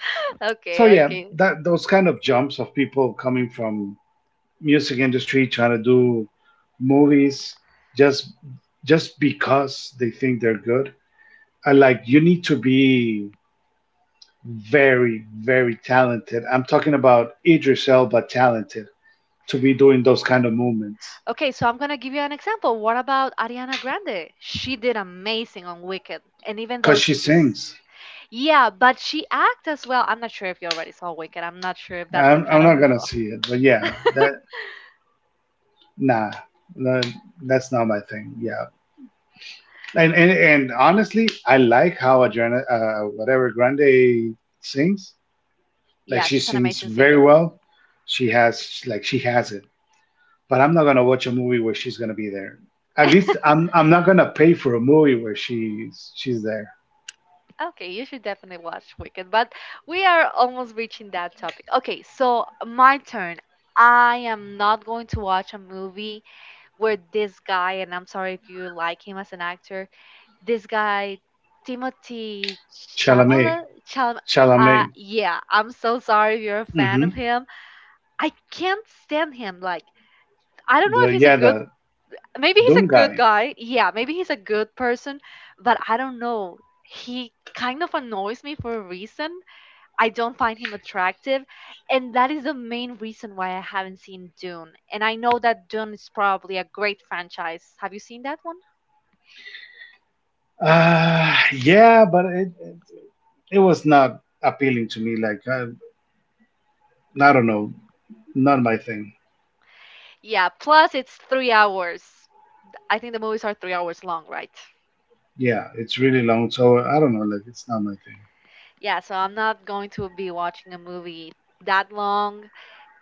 Speaker 1: [laughs] Okay,
Speaker 2: So yeah,
Speaker 1: okay.
Speaker 2: that those kind of jumps of people coming from music industry trying to do movies just just because they think they're good. I like you need to be very, very talented. I'm talking about Idris Elba talented to be doing those kind of movements
Speaker 1: Okay, so I'm gonna give you an example. What about Ariana Grande? She did amazing on Wicked, and even though
Speaker 2: because she
Speaker 1: she's a
Speaker 2: sings.
Speaker 1: yeah, but she acts as well. I'm not sure if you already saw Wicked. I'm not sure if that's the
Speaker 2: I'm
Speaker 1: kind of.
Speaker 2: not gonna
Speaker 1: Ugh.
Speaker 2: see it, but yeah, that nah, no, that's not my thing. Yeah, and honestly, I like how Adriana, whatever Grande sings, like
Speaker 1: Yeah,
Speaker 2: she
Speaker 1: she's an
Speaker 2: sings
Speaker 1: amazing
Speaker 2: very
Speaker 1: singer.
Speaker 2: well. She has it, but I'm not gonna watch a movie where she's gonna be there. At least I'm not gonna pay for a movie where she's there.
Speaker 1: Okay, you should definitely watch Wicked, but we are almost reaching that topic. Okay, so my turn. I am not going to watch a movie where this guy, and I'm sorry if you like him as an actor, this guy, Timothy
Speaker 2: Chalamet.
Speaker 1: Chalamet, Chalam-
Speaker 2: Chalamet.
Speaker 1: yeah, I'm so sorry if you're a fan of
Speaker 2: hmm
Speaker 1: him. I can't stand him. Like, I don't know
Speaker 2: The
Speaker 1: if he's a
Speaker 2: yeah,
Speaker 1: good,
Speaker 2: the
Speaker 1: maybe he's a
Speaker 2: Dune
Speaker 1: good
Speaker 2: guy.
Speaker 1: guy. Yeah, maybe he's a good person, but I don't know. He kind of annoys me for a reason. I don't find him attractive. And that is the main reason why I haven't seen Dune. And I know that Dune is probably a great franchise. Have you seen that one?
Speaker 2: Uh, yeah, but it was not appealing to me. Like I don't know, not my thing.
Speaker 1: Yeah, plus it's 3 hours. I think the movies are 3 hours long, right?
Speaker 2: Yeah, it's really long, so I don't know. Like it's not my thing.
Speaker 1: Yeah, so I'm not going to be watching a movie that long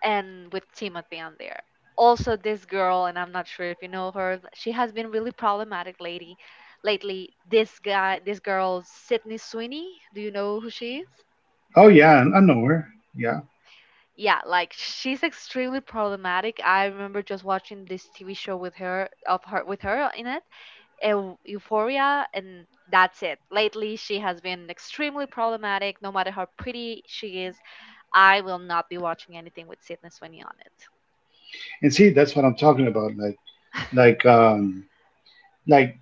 Speaker 1: and with Timothy on there. Also, this girl, and I'm not sure if you know her, she has been really problematic lady lately. This guy, this girl, Sydney Sweeney. Do you know who she is?
Speaker 2: Oh yeah, I know her. Yeah,
Speaker 1: Yeah, like she's extremely problematic. I remember just watching this TV show with her of her with her in it, Euphoria, and that's it. Lately, she has been extremely problematic. No matter how pretty she is, I will not be watching anything with Sydney Sweeney on it.
Speaker 2: and see, that's what I'm talking about. Like um like,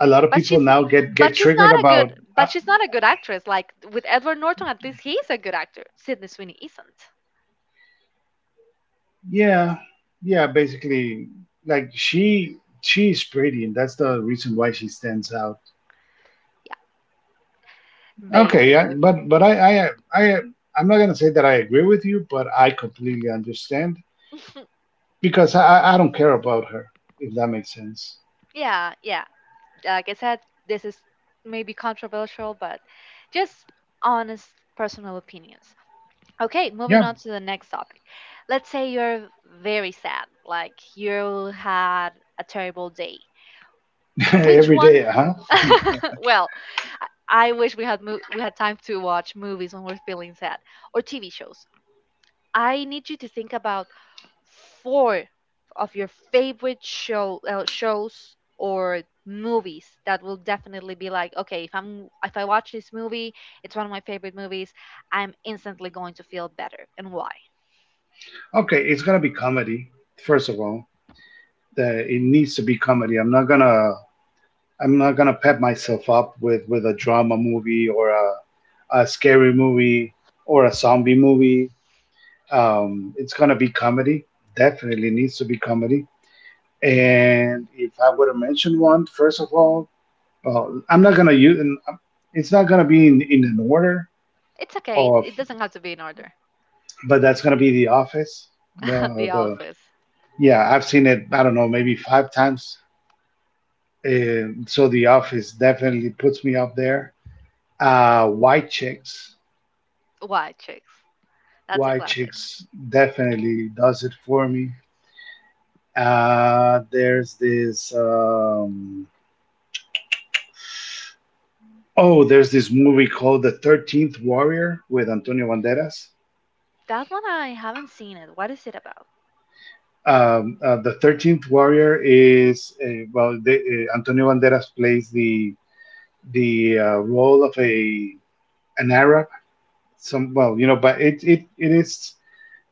Speaker 2: a lot of
Speaker 1: But
Speaker 2: people
Speaker 1: she's
Speaker 2: now get
Speaker 1: but
Speaker 2: get
Speaker 1: she's
Speaker 2: triggered
Speaker 1: not a
Speaker 2: about.
Speaker 1: good
Speaker 2: Uh,
Speaker 1: but she's not a good actress. Like with Edward Norton, at least he's a good actor. Sydney Sweeney isn't.
Speaker 2: yeah, yeah, basically like she she's pretty, and that's the reason why she stands out.
Speaker 1: Yeah,
Speaker 2: Okay, yeah,
Speaker 1: basically.
Speaker 2: but I'm not gonna say that I agree with you, but I completely understand
Speaker 1: [laughs]
Speaker 2: because I don't care about her, if that makes sense.
Speaker 1: Yeah, yeah. Like I said, this is maybe controversial, but just honest personal opinions. Okay, moving
Speaker 2: Yeah,
Speaker 1: on to the next topic. Let's say you're very sad, like you had a terrible day.
Speaker 2: [laughs]
Speaker 1: Which
Speaker 2: every
Speaker 1: one?
Speaker 2: day, huh?
Speaker 1: [laughs] Well, I wish we had we had time to watch movies when we're feeling sad or TV shows. I need you to think about 4 of your favorite show shows or movies that will definitely be like okay, if I'm if I watch this movie, it's one of my favorite movies, I'm instantly going to feel better and why.
Speaker 2: Okay, it's gonna be comedy first of all. It needs to be comedy. I'm not gonna pep myself up with a drama movie or a scary movie or a zombie movie. It's gonna be comedy. Definitely needs to be comedy. And if I would have mentioned one, first of all, well, I'm not gonna use. It's not gonna be in, an order
Speaker 1: It's okay, it,
Speaker 2: of,
Speaker 1: it doesn't have to be in order.
Speaker 2: but that's gonna be The Office.
Speaker 1: [laughs] The
Speaker 2: The
Speaker 1: office.
Speaker 2: Yeah, I've seen it. I don't know, maybe five times. And so The Office definitely puts me up there. White Chicks,
Speaker 1: Why chicks, that's a
Speaker 2: White
Speaker 1: classic.
Speaker 2: Chicks definitely does it for me. There's this. Oh, there's this movie called The 13th Warrior with Antonio Banderas.
Speaker 1: That one, I haven't seen it, what is it about?
Speaker 2: The 13th Warrior is Antonio Banderas plays the role of a an Arab. Some well, you know, but it is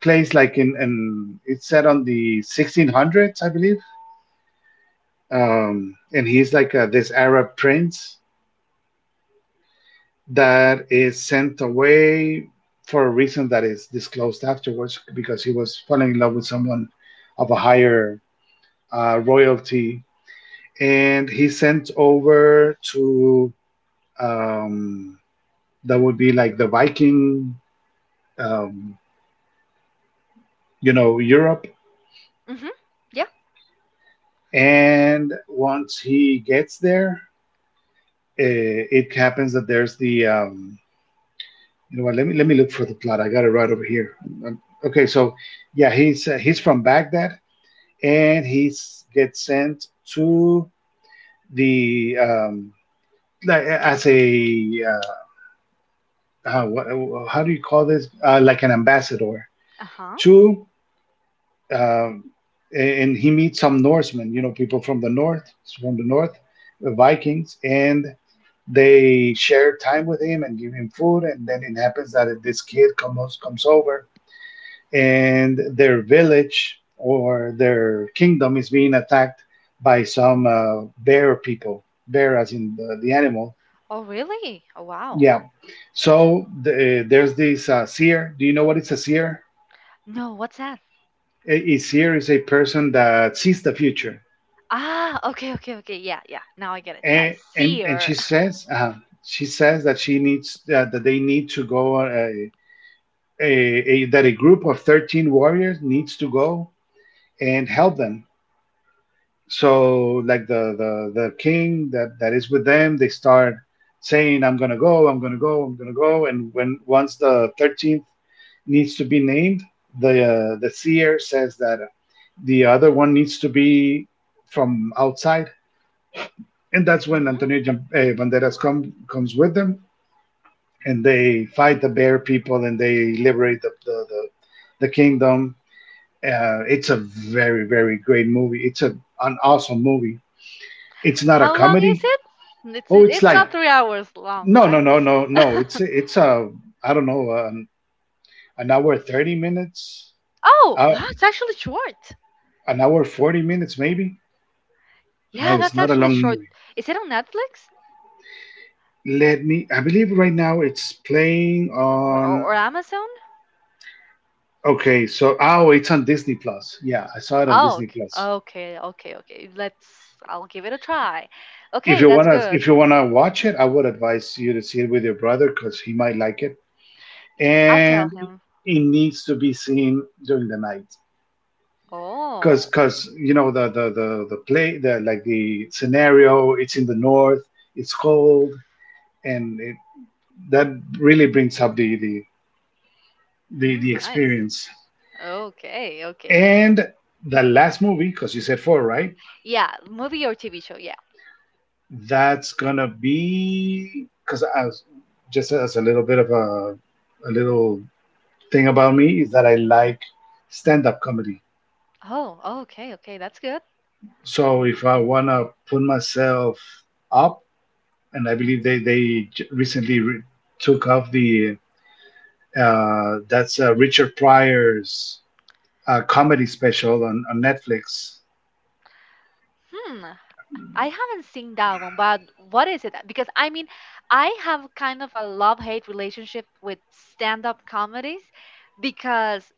Speaker 2: plays like in and it's set on the 1600s, I believe. And he's like this Arab prince that is sent away for a reason that is disclosed afterwards because he was falling in love with someone of a higher royalty and he sent over to um, that would be like the Viking, um, you know, Europe.
Speaker 1: Mm-hmm. Yeah.
Speaker 2: And once he gets there, it happens that there's the you know what? Let me look for the plot. I got it right over here. Um, Okay, so yeah, he's from Baghdad, and he's gets sent to the like, as a how, what, how do you call this? Like an ambassador
Speaker 1: Uh-huh.
Speaker 2: to, um, and he meets some Norsemen, you know, people from the north, the Vikings, and they share time with him and give him food. And then it happens that this kid comes over, and their village or their kingdom is being attacked by some bear people, bear as in the animal.
Speaker 1: Oh really, oh wow.
Speaker 2: Yeah. There's this seer. Do you know what it's a seer?
Speaker 1: No, what's that?
Speaker 2: A seer is a person that sees the future.
Speaker 1: Ah okay, okay, okay, yeah, yeah, now I get it, yeah I
Speaker 2: And
Speaker 1: see
Speaker 2: and
Speaker 1: her.
Speaker 2: she says that she needs that they need to go a group of 13 warriors needs to go and help them. So like the king that that is with them, they start saying I'm gonna go, I'm gonna go, I'm gonna go, and when once the 13th needs to be named, the seer says that the other one needs to be from outside, and that's when
Speaker 1: [laughs]
Speaker 2: Antonio Banderas comes with them and they fight the bear people and they liberate the kingdom. It's a very very great movie. It's a an awesome movie. It's not a
Speaker 1: How long is
Speaker 2: comedy.
Speaker 1: it?
Speaker 2: Oh, it's
Speaker 1: It's
Speaker 2: like
Speaker 1: not 3 hours long,
Speaker 2: no no
Speaker 1: right?
Speaker 2: no no
Speaker 1: [laughs]
Speaker 2: no. It's a I don't know an hour 30 minutes,
Speaker 1: Oh,
Speaker 2: uh,
Speaker 1: wow, it's actually short.
Speaker 2: an hour 40 minutes maybe. No,
Speaker 1: Yeah,
Speaker 2: it's
Speaker 1: that's
Speaker 2: not a
Speaker 1: actually
Speaker 2: long movie.
Speaker 1: short. Is it on Netflix
Speaker 2: Let me. I believe right now it's playing
Speaker 1: or
Speaker 2: on.
Speaker 1: or, or Amazon?
Speaker 2: Okay, so oh, it's on Disney Plus. Yeah, I saw it on
Speaker 1: Oh,
Speaker 2: Disney Plus.
Speaker 1: okay, okay, okay. Let's. I'll give it a try.
Speaker 2: If
Speaker 1: Okay,
Speaker 2: you
Speaker 1: that's
Speaker 2: wanna
Speaker 1: good.
Speaker 2: watch it, I would advise you to see it with your brother because he might like it,
Speaker 1: I'll tell
Speaker 2: and it
Speaker 1: him.
Speaker 2: needs to be seen during the night because
Speaker 1: Oh.
Speaker 2: you know the play the like the scenario, it's in the north, it's cold, and it, that really brings up the
Speaker 1: Mhm, nice.
Speaker 2: experience.
Speaker 1: Okay, okay.
Speaker 2: And the last movie, because you said four, right?
Speaker 1: Yeah, movie or TV show? Yeah.
Speaker 2: That's gonna be, because as just as a little bit of a little thing about me, is that I like stand-up comedy.
Speaker 1: Oh, okay, okay. That's good.
Speaker 2: So if I want to put myself up, and I believe they recently took off the that's Richard Pryor's comedy special on Netflix.
Speaker 1: Hmm. I haven't seen that one, but what is it? Because I mean, I have kind of a love-hate relationship with stand-up comedies because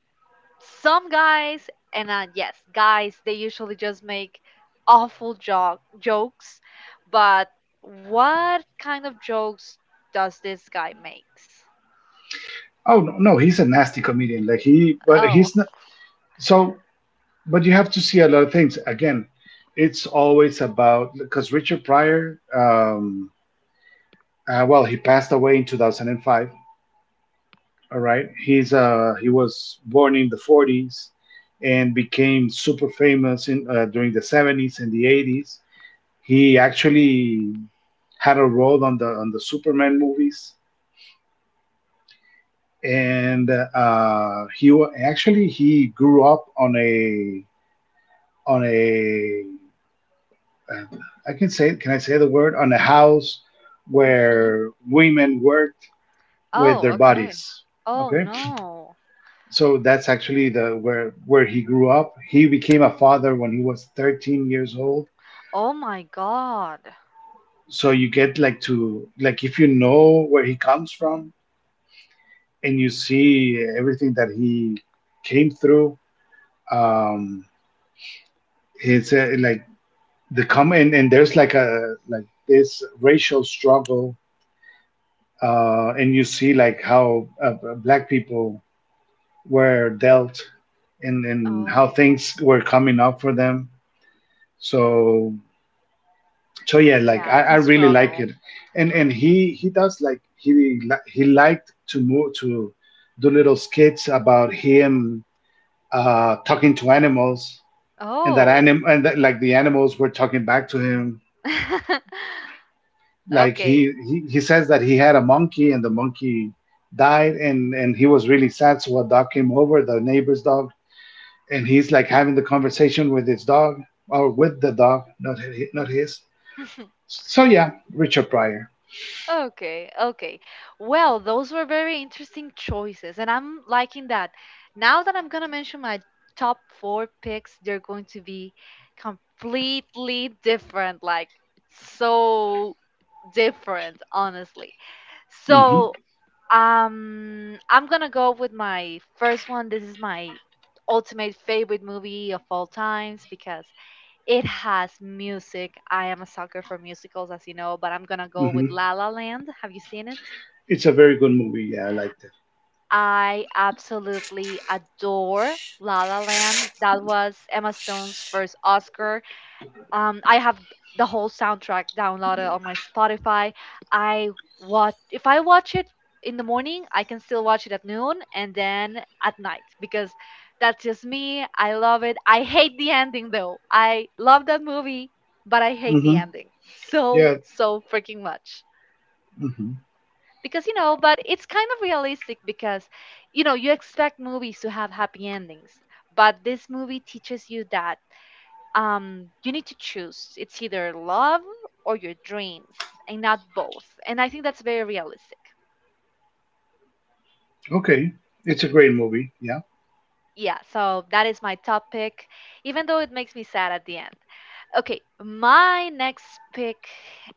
Speaker 1: some guys, and yes, guys, they usually just make awful jokes, but what kind of jokes does this guy makes?
Speaker 2: Oh no, no, he's a nasty comedian. Like he, but
Speaker 1: Oh.
Speaker 2: he's not. So, but you have to see a lot of things. Again, it's always about because Richard Pryor. Well, he passed away in 2005, all right. He was born in the 40s and became super famous in during the 70s and the 80s. He actually had a role on the Superman movies. And He actually he grew up on a uh, I can say, can I say the word, on a house
Speaker 1: Hmm.
Speaker 2: where women worked with
Speaker 1: Oh,
Speaker 2: their
Speaker 1: okay.
Speaker 2: bodies.
Speaker 1: Oh
Speaker 2: Okay?
Speaker 1: no.
Speaker 2: So that's actually the where he grew up. He became a father when he was 13 years old.
Speaker 1: Oh my God.
Speaker 2: So you get like to like if you know where he comes from and you see everything that he came through, um it's like the come and there's like a like this racial struggle and you see like how black people were dealt and how
Speaker 1: Oh,
Speaker 2: things were coming up for them. So so yeah, like
Speaker 1: yeah, it's
Speaker 2: I
Speaker 1: a
Speaker 2: really like
Speaker 1: struggle.
Speaker 2: it. And he does like he li- he liked to move to do little skits about him talking to animals, and that
Speaker 1: Oh.
Speaker 2: anim and that, like the animals were talking back to him,
Speaker 1: [laughs]
Speaker 2: like
Speaker 1: Okay.
Speaker 2: he says that he had a monkey and the monkey died, and he was really sad. So a dog came over, the neighbor's dog, and he's like having the conversation with his dog, or with the dog, not his.
Speaker 1: [laughs]
Speaker 2: So yeah, Richard Pryor.
Speaker 1: Okay. Okay. Well, those were very interesting choices, and I'm liking that. Now that I'm going to mention my top four picks, they're going to be completely different. Like, so different, honestly.
Speaker 2: hmm
Speaker 1: So, I'm going to go with my first one. This is my ultimate favorite movie of all times because it has music. I am a sucker for musicals, as you know, but I'm gonna go
Speaker 2: hmm
Speaker 1: with La La Land. Have you seen it?
Speaker 2: It's a very good movie. Yeah, I liked it.
Speaker 1: I absolutely adore La La Land. That was Emma Stone's first Oscar. I have the whole soundtrack downloaded on my Spotify. I watch if I watch it in the morning, I can still watch it at noon and then at night because that's just me. I love it. I hate the ending though. I love that movie, but I hate the
Speaker 2: hmm
Speaker 1: ending [laughs] so
Speaker 2: Yeah.
Speaker 1: so freaking much.
Speaker 2: hmm
Speaker 1: But it's kind of realistic because you expect movies to have happy endings, but this movie teaches you that you need to choose. It's either love or your dreams, and not both. And I think that's very realistic.
Speaker 2: Okay. It's a great movie. Yeah.
Speaker 1: Yeah, so that is my top pick, even though it makes me sad at the end. Okay, my next pick,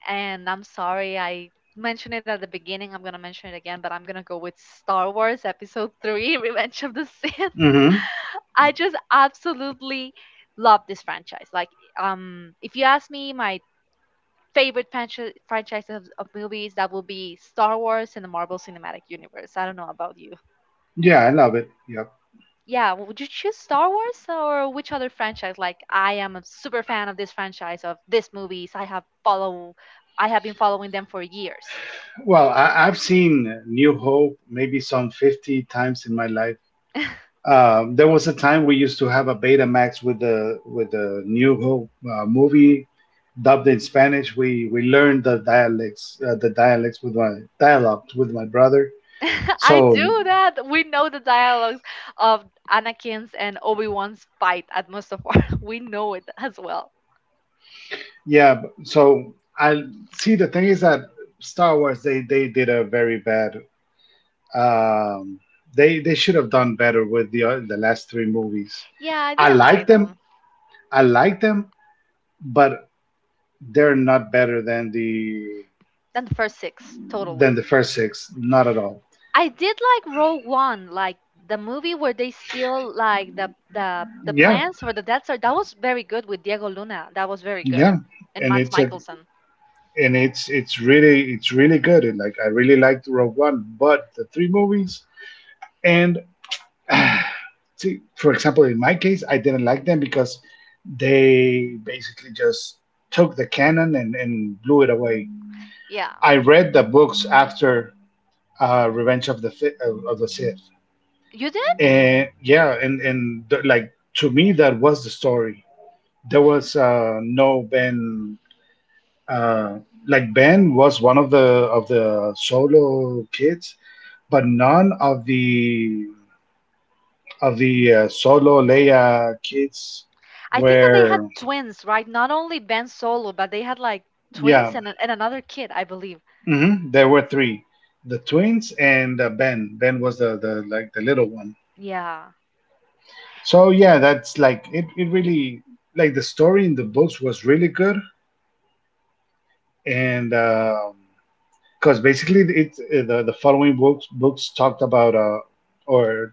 Speaker 1: and I'm sorry I mentioned it at the beginning. I'm gonna mention it again, but I'm gonna go with Star Wars Episode 3 [laughs] Revenge of the Sith.
Speaker 2: hmm
Speaker 1: [laughs] I just absolutely love this franchise. If you ask me, my favorite franchise of movies, that will be Star Wars and the Marvel Cinematic Universe. I don't know about you.
Speaker 2: Yeah, I love it. Yep.
Speaker 1: Yeah, would you choose Star Wars or which other franchise? Like, I am a super fan of this franchise of these movies. I have been following them for years.
Speaker 2: Well, I've seen New Hope maybe some 50 times in my life. There was a time we used to have a Betamax with the New Hope movie dubbed in Spanish. We learned the dialects with my dialects with my brother.
Speaker 1: [laughs]
Speaker 2: So
Speaker 1: I do that. We know the dialogues of Anakin's and Obi Wan's fight at Mustafar. [laughs] We know it as well.
Speaker 2: so I see the thing is that Star Wars, they did a very bad um they should have done better with the last three movies.
Speaker 1: Yeah, I
Speaker 2: I
Speaker 1: didn't
Speaker 2: like
Speaker 1: like
Speaker 2: them.
Speaker 1: them.
Speaker 2: I like them, but they're not better
Speaker 1: Then the first six, totally.
Speaker 2: than the first six, not at all.
Speaker 1: I did like Rogue One, like the movie where they steal like the
Speaker 2: Yeah.
Speaker 1: plans for the Death Star. That was very good with Diego Luna. That was very good,
Speaker 2: Yeah.
Speaker 1: and
Speaker 2: And
Speaker 1: Mads
Speaker 2: it's a
Speaker 1: Mikkelsen.
Speaker 2: and it's really it's really good. And like I really liked Rogue One, but the three movies and [sighs] see, for example, in my case, I didn't like them because they basically just took the canon and blew it away.
Speaker 1: Yeah,
Speaker 2: I read the books after Revenge of the Sith,
Speaker 1: you did.
Speaker 2: and yeah, and the, like to me that was the story. There was no Ben. Uh, like Ben was one of the solo kids, but none of the solo Leia kids
Speaker 1: I think that they had
Speaker 2: were.
Speaker 1: twins, right? Not only Ben Solo, but they had like
Speaker 2: Yeah.
Speaker 1: twins and another kid, I believe.
Speaker 2: There were three, the twins and Ben. Ben was the little one.
Speaker 1: Yeah.
Speaker 2: So yeah, that's like it. It really, like the story in the books was really good, and because basically it the following books talked about or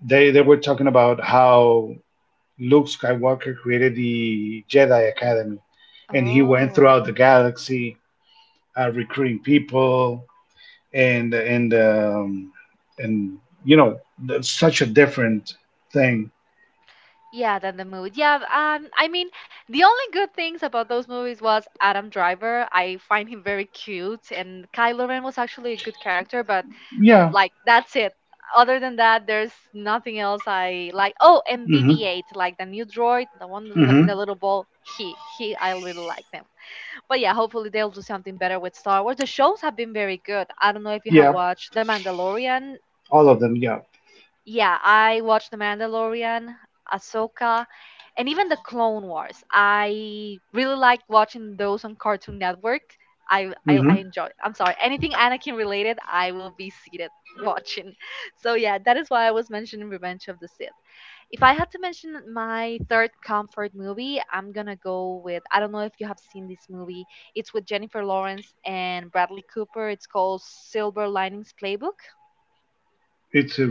Speaker 2: they were talking about how Luke Skywalker created the Jedi Academy, and he went
Speaker 1: Oh.
Speaker 2: throughout the galaxy recruiting people and and um, and you know that's such a different thing.
Speaker 1: Yeah, then the movie. Yeah, I mean, the only good things about those movies was Adam Driver. I find him very cute, and Kylo Ren was actually a good character, but
Speaker 2: Yeah.
Speaker 1: like that's it. Other than that, there's nothing else I like. Oh, and
Speaker 2: Mhm.
Speaker 1: BB8, like the new droid, the one in the
Speaker 2: Mhm.
Speaker 1: little ball, he I really like them. But yeah, hopefully they'll do something better with Star Wars. The shows have been very good. I don't know if you have
Speaker 2: Yeah.
Speaker 1: watched The Mandalorian.
Speaker 2: All of them. Yeah.
Speaker 1: Yeah, I watched The Mandalorian, Ahsoka, and even The Clone Wars. I really liked watching those on Cartoon Network. I
Speaker 2: Mhm.
Speaker 1: enjoy. I'm sorry, anything Anakin related, I will be seated watching. [laughs] So yeah, that is why I was mentioning Revenge of the Sith. If I had to mention my third comfort movie, I'm gonna go with, I don't know if you have seen this movie. It's with Jennifer Lawrence and Bradley Cooper. It's called Silver Linings Playbook.
Speaker 2: It's a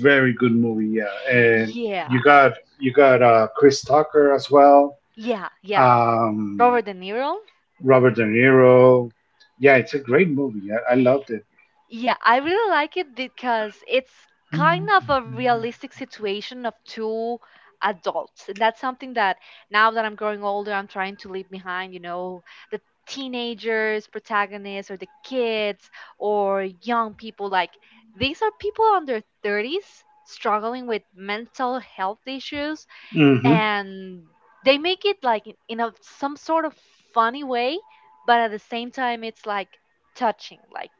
Speaker 2: very good movie. Yeah, and
Speaker 1: Yeah.
Speaker 2: you got Chris Tucker as well.
Speaker 1: Yeah, yeah.
Speaker 2: Um,
Speaker 1: Robert De Niro?
Speaker 2: Robert De Niro. Yeah, it's a great movie. I loved it.
Speaker 1: Yeah, I really like it because it's kind of a
Speaker 2: Mm-hmm.
Speaker 1: realistic situation of two adults. And that's something that now that I'm growing older, I'm trying to leave behind, you know, the teenagers, protagonists, or the kids, or young people. Like, these are people under 30s struggling with mental health issues,
Speaker 2: Mm-hmm.
Speaker 1: and they make it like in a some sort of funny way, but at the same time, it's like, touching. Like,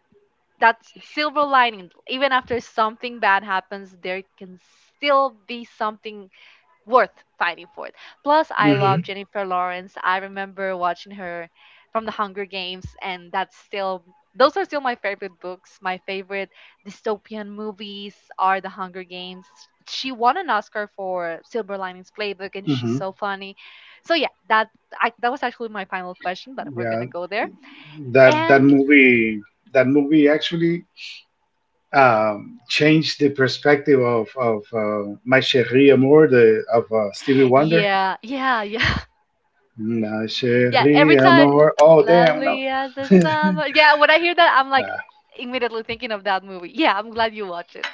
Speaker 1: that silver lining, even after something bad happens, there can still be something worth fighting for. It plus, I love Jennifer Lawrence. I remember watching her from The Hunger Games, and that's still, those are still my favorite books. My favorite dystopian movies are The Hunger Games. She won an Oscar for Silver Linings Playbook, and she's
Speaker 2: Mm-hmm.
Speaker 1: so funny. So yeah, that that was actually my final question, but we're
Speaker 2: Yeah,
Speaker 1: gonna go there.
Speaker 2: that
Speaker 1: And
Speaker 2: that movie actually changed the perspective of My Chérie Amour, the of Stevie Wonder.
Speaker 1: yeah, yeah, yeah.
Speaker 2: My
Speaker 1: Yeah, every
Speaker 2: Chérie
Speaker 1: time,
Speaker 2: Amour. Oh damn no.
Speaker 1: lovely as the
Speaker 2: [laughs]
Speaker 1: summer. Yeah, when I hear that, I'm like
Speaker 2: Nah.
Speaker 1: immediately thinking of that movie. Yeah, I'm glad you watched it.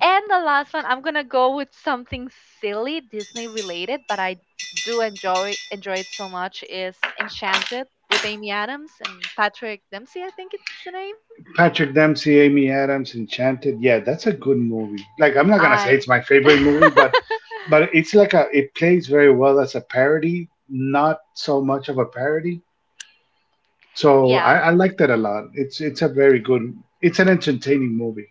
Speaker 1: And the last one, I'm gonna go with something silly Disney related, but I do enjoy it so much, is Enchanted with Amy Adams and Patrick Dempsey, I think it's the name.
Speaker 2: Patrick Dempsey, Amy Adams, Enchanted. Yeah, that's a good movie. Like I'm not gonna
Speaker 1: I
Speaker 2: say it's my favorite
Speaker 1: [laughs]
Speaker 2: movie, but it's like a, it plays very well as a parody, not so much of a parody. So
Speaker 1: yeah,
Speaker 2: I like that a lot. It's a very good. It's an entertaining movie.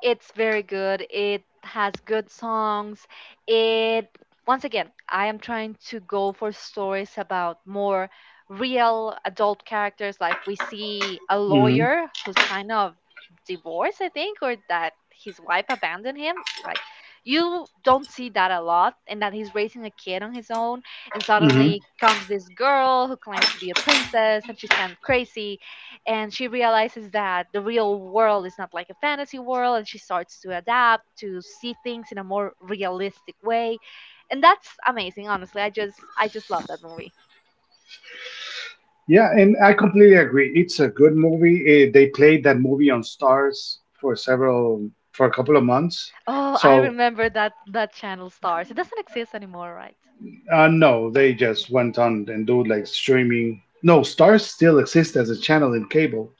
Speaker 1: it's very good. It has good songs. It, once again, I am trying to go for stories about more real adult characters. Like, we see a
Speaker 2: hmm
Speaker 1: lawyer who's kind of divorced, I think, or that his wife abandoned him. Like, you don't see that a lot, and that he's raising a kid on his own, and
Speaker 2: hmm
Speaker 1: suddenly comes this girl who claims to be a princess, and she's kind of crazy, and she realizes that the real world is not like a fantasy world, and she starts to adapt, to see things in a more realistic way. And that's amazing, honestly. I just love that movie.
Speaker 2: Yeah, and I completely agree. It's a good movie. Uh, they played that movie on Stars for several for a couple of months.
Speaker 1: Oh, I
Speaker 2: So
Speaker 1: remember that, that channel Stars. It doesn't exist anymore, right?
Speaker 2: no, they just went on and do like streaming. No, Stars still exists as a channel in cable.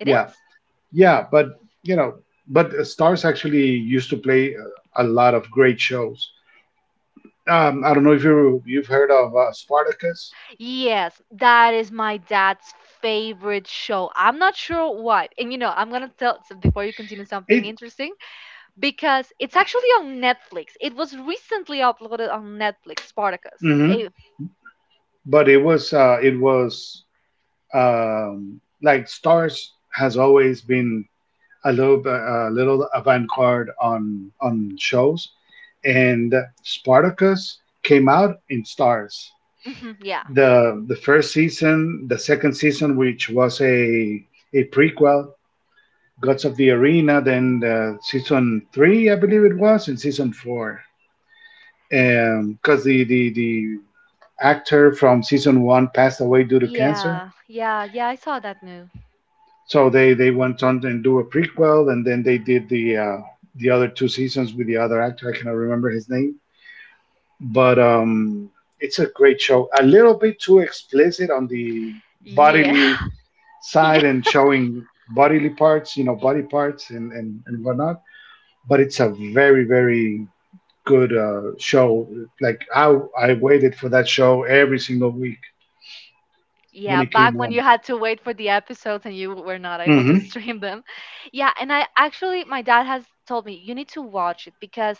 Speaker 1: It
Speaker 2: Yeah,
Speaker 1: is.
Speaker 2: yeah, but you know, but Stars actually used to play a lot of great shows. I don't know if you've heard of Spartacus.
Speaker 1: Yes, that is my dad's favorite show. I'm not sure why. And you know, I'm going to tell, so before you continue, something
Speaker 2: It,
Speaker 1: interesting, because it's actually on Netflix. It was recently uploaded on Netflix, Spartacus,
Speaker 2: hmm
Speaker 1: a
Speaker 2: but it was like Stars has always been a little avant-garde on shows, and Spartacus came out in Stars.
Speaker 1: mhm, yeah.
Speaker 2: The first season, the second season, which was a prequel, Gods of the Arena. Then the season three, I believe it was, and season four, because the actor from season one passed away due to cancer.
Speaker 1: Yeah. Yeah. Yeah. I saw that new.
Speaker 2: So they went on and do a prequel, and then they did the other two seasons with the other actor. I cannot remember his name, but it's a great show. A little bit too explicit on the
Speaker 1: Yeah.
Speaker 2: bodily
Speaker 1: [laughs]
Speaker 2: side
Speaker 1: yeah.
Speaker 2: and showing bodily parts, you know, body parts and whatnot. But it's a very good show. Like I waited for that show every single week when
Speaker 1: Yeah.
Speaker 2: it came
Speaker 1: Back when you
Speaker 2: on.
Speaker 1: had to wait for the episodes and you were not able to [laughs] stream them. Yeah. And I actually, my dad has told me, you need to watch it because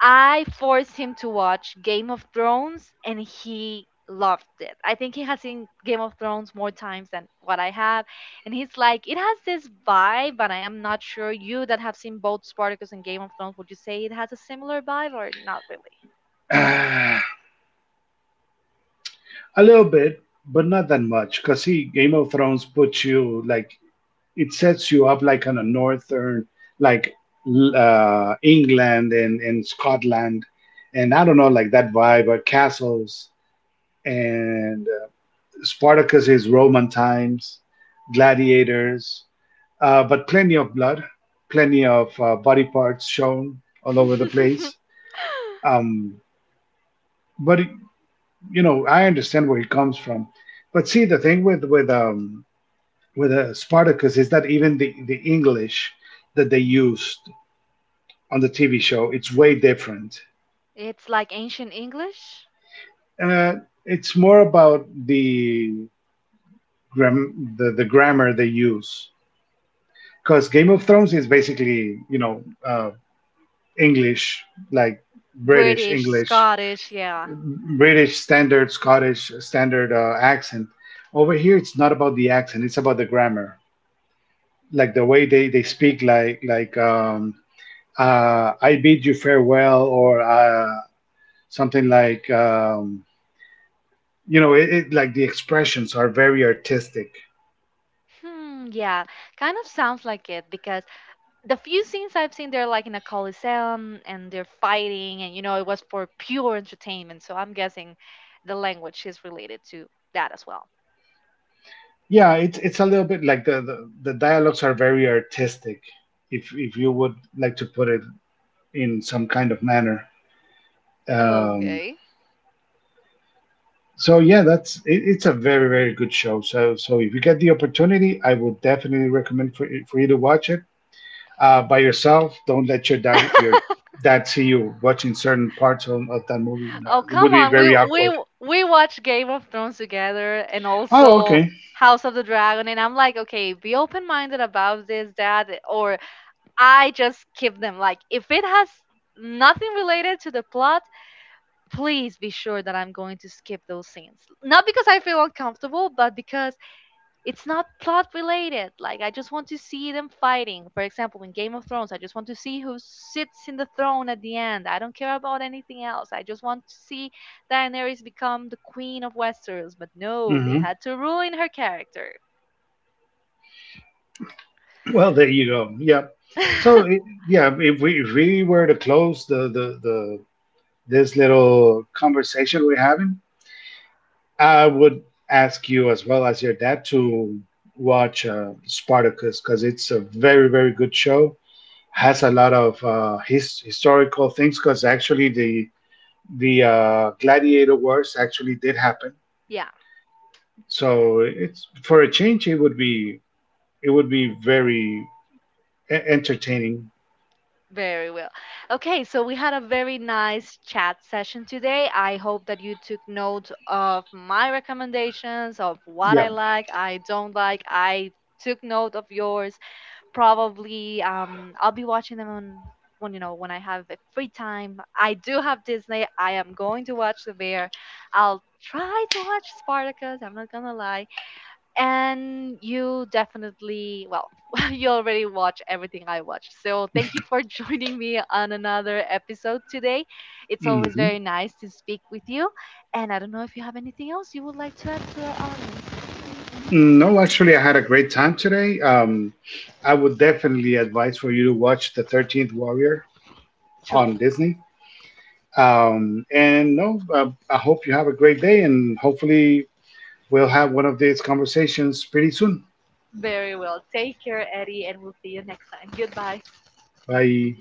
Speaker 1: I forced him to watch Game of Thrones and he loved it. I think he has seen Game of Thrones more times than what I have. And he's like, it has this vibe, but I am not sure, you that have seen both Spartacus and Game of Thrones, would you say it has a similar vibe or not really?
Speaker 2: hmm [sighs] A little bit, but not that much. Cause see, Game of Thrones puts you like, it sets you up like on a northern, like England and Scotland, and I don't know, like that vibe or castles and Spartacus is Roman times, gladiators, but plenty of blood, plenty of body parts shown all over the place.
Speaker 1: [laughs]
Speaker 2: Um, but you know, I understand where he comes from. But see, the thing with with Spartacus is that even the English that they used on the TV show, it's way different.
Speaker 1: It's like ancient English?
Speaker 2: Uh, it's more about the the grammar they use because Game of
Speaker 1: Hmm.
Speaker 2: Thrones is basically you know English, like British
Speaker 1: British,
Speaker 2: English,
Speaker 1: Scottish, yeah.
Speaker 2: British standard, Scottish standard accent. Over here, it's not about the accent; it's about the grammar, like the way they speak, like I bid you farewell, or something like you know, it like the expressions are very artistic.
Speaker 1: Hmm, yeah. Kind of sounds like it because the few scenes I've seen, they're like in a coliseum and they're fighting, and you know, it was for pure entertainment. So I'm guessing the language is related to that as well.
Speaker 2: Yeah, it's a little bit like the dialogues are very artistic, if you would like to put it in some kind of manner. Um,
Speaker 1: Okay.
Speaker 2: so yeah, that's it, it's a very good show. So so if you get the opportunity, I would definitely recommend for you to watch it by yourself. Don't let your dad see you watching certain parts of that movie.
Speaker 1: Oh,
Speaker 2: It would
Speaker 1: come
Speaker 2: be
Speaker 1: on. We
Speaker 2: very awkward.
Speaker 1: we we watch Game of Thrones together and
Speaker 2: Oh,
Speaker 1: also
Speaker 2: okay.
Speaker 1: House of the Dragon, and I'm like, okay, be open-minded about this, that, or I just keep them. Like, if it has nothing related to the plot, please be sure that I'm going to skip those scenes. Not because I feel uncomfortable, but because it's not plot related. Like, I just want to see them fighting. For example, in Game of Thrones, I just want to see who sits in the throne at the end. I don't care about anything else. I just want to see Daenerys become the queen of Westeros. But no, they
Speaker 2: hmm
Speaker 1: had to ruin her character.
Speaker 2: Well, there you go. Yeah. So
Speaker 1: [laughs]
Speaker 2: i- yeah, if we were to close the this little conversation we're having, I would ask you as well as your dad to watch Spartacus because it's a very good show. Has a lot of historical things because actually the gladiator wars actually did happen.
Speaker 1: yeah.
Speaker 2: So it's for a change. It would be, it would be very entertaining.
Speaker 1: Very well. Okay, so we had a very nice chat session today. I hope that you took note of my recommendations, of what I
Speaker 2: Yeah.
Speaker 1: like, I don't like. I took note of yours. Probably I'll be watching them on, when you know, when I have the free time. I do have Disney. I am going to watch The Bear. I'll try to watch Spartacus. I'm not gonna lie, and you definitely, well, [laughs] you already watch everything I watch, so thank you for [laughs] joining me on another episode today. It's always
Speaker 2: hmm
Speaker 1: very nice to speak with you, and I don't know if you have anything else you would like to add to our audience.
Speaker 2: No, actually, I had a great time today. I would definitely advise for you to watch the 13th Warrior
Speaker 1: True.
Speaker 2: on Disney. And no, I hope you have a great day, and hopefully we'll have one of these conversations pretty soon.
Speaker 1: Very well, take care, Eddie, and we'll see you next time. Goodbye.
Speaker 2: Bye.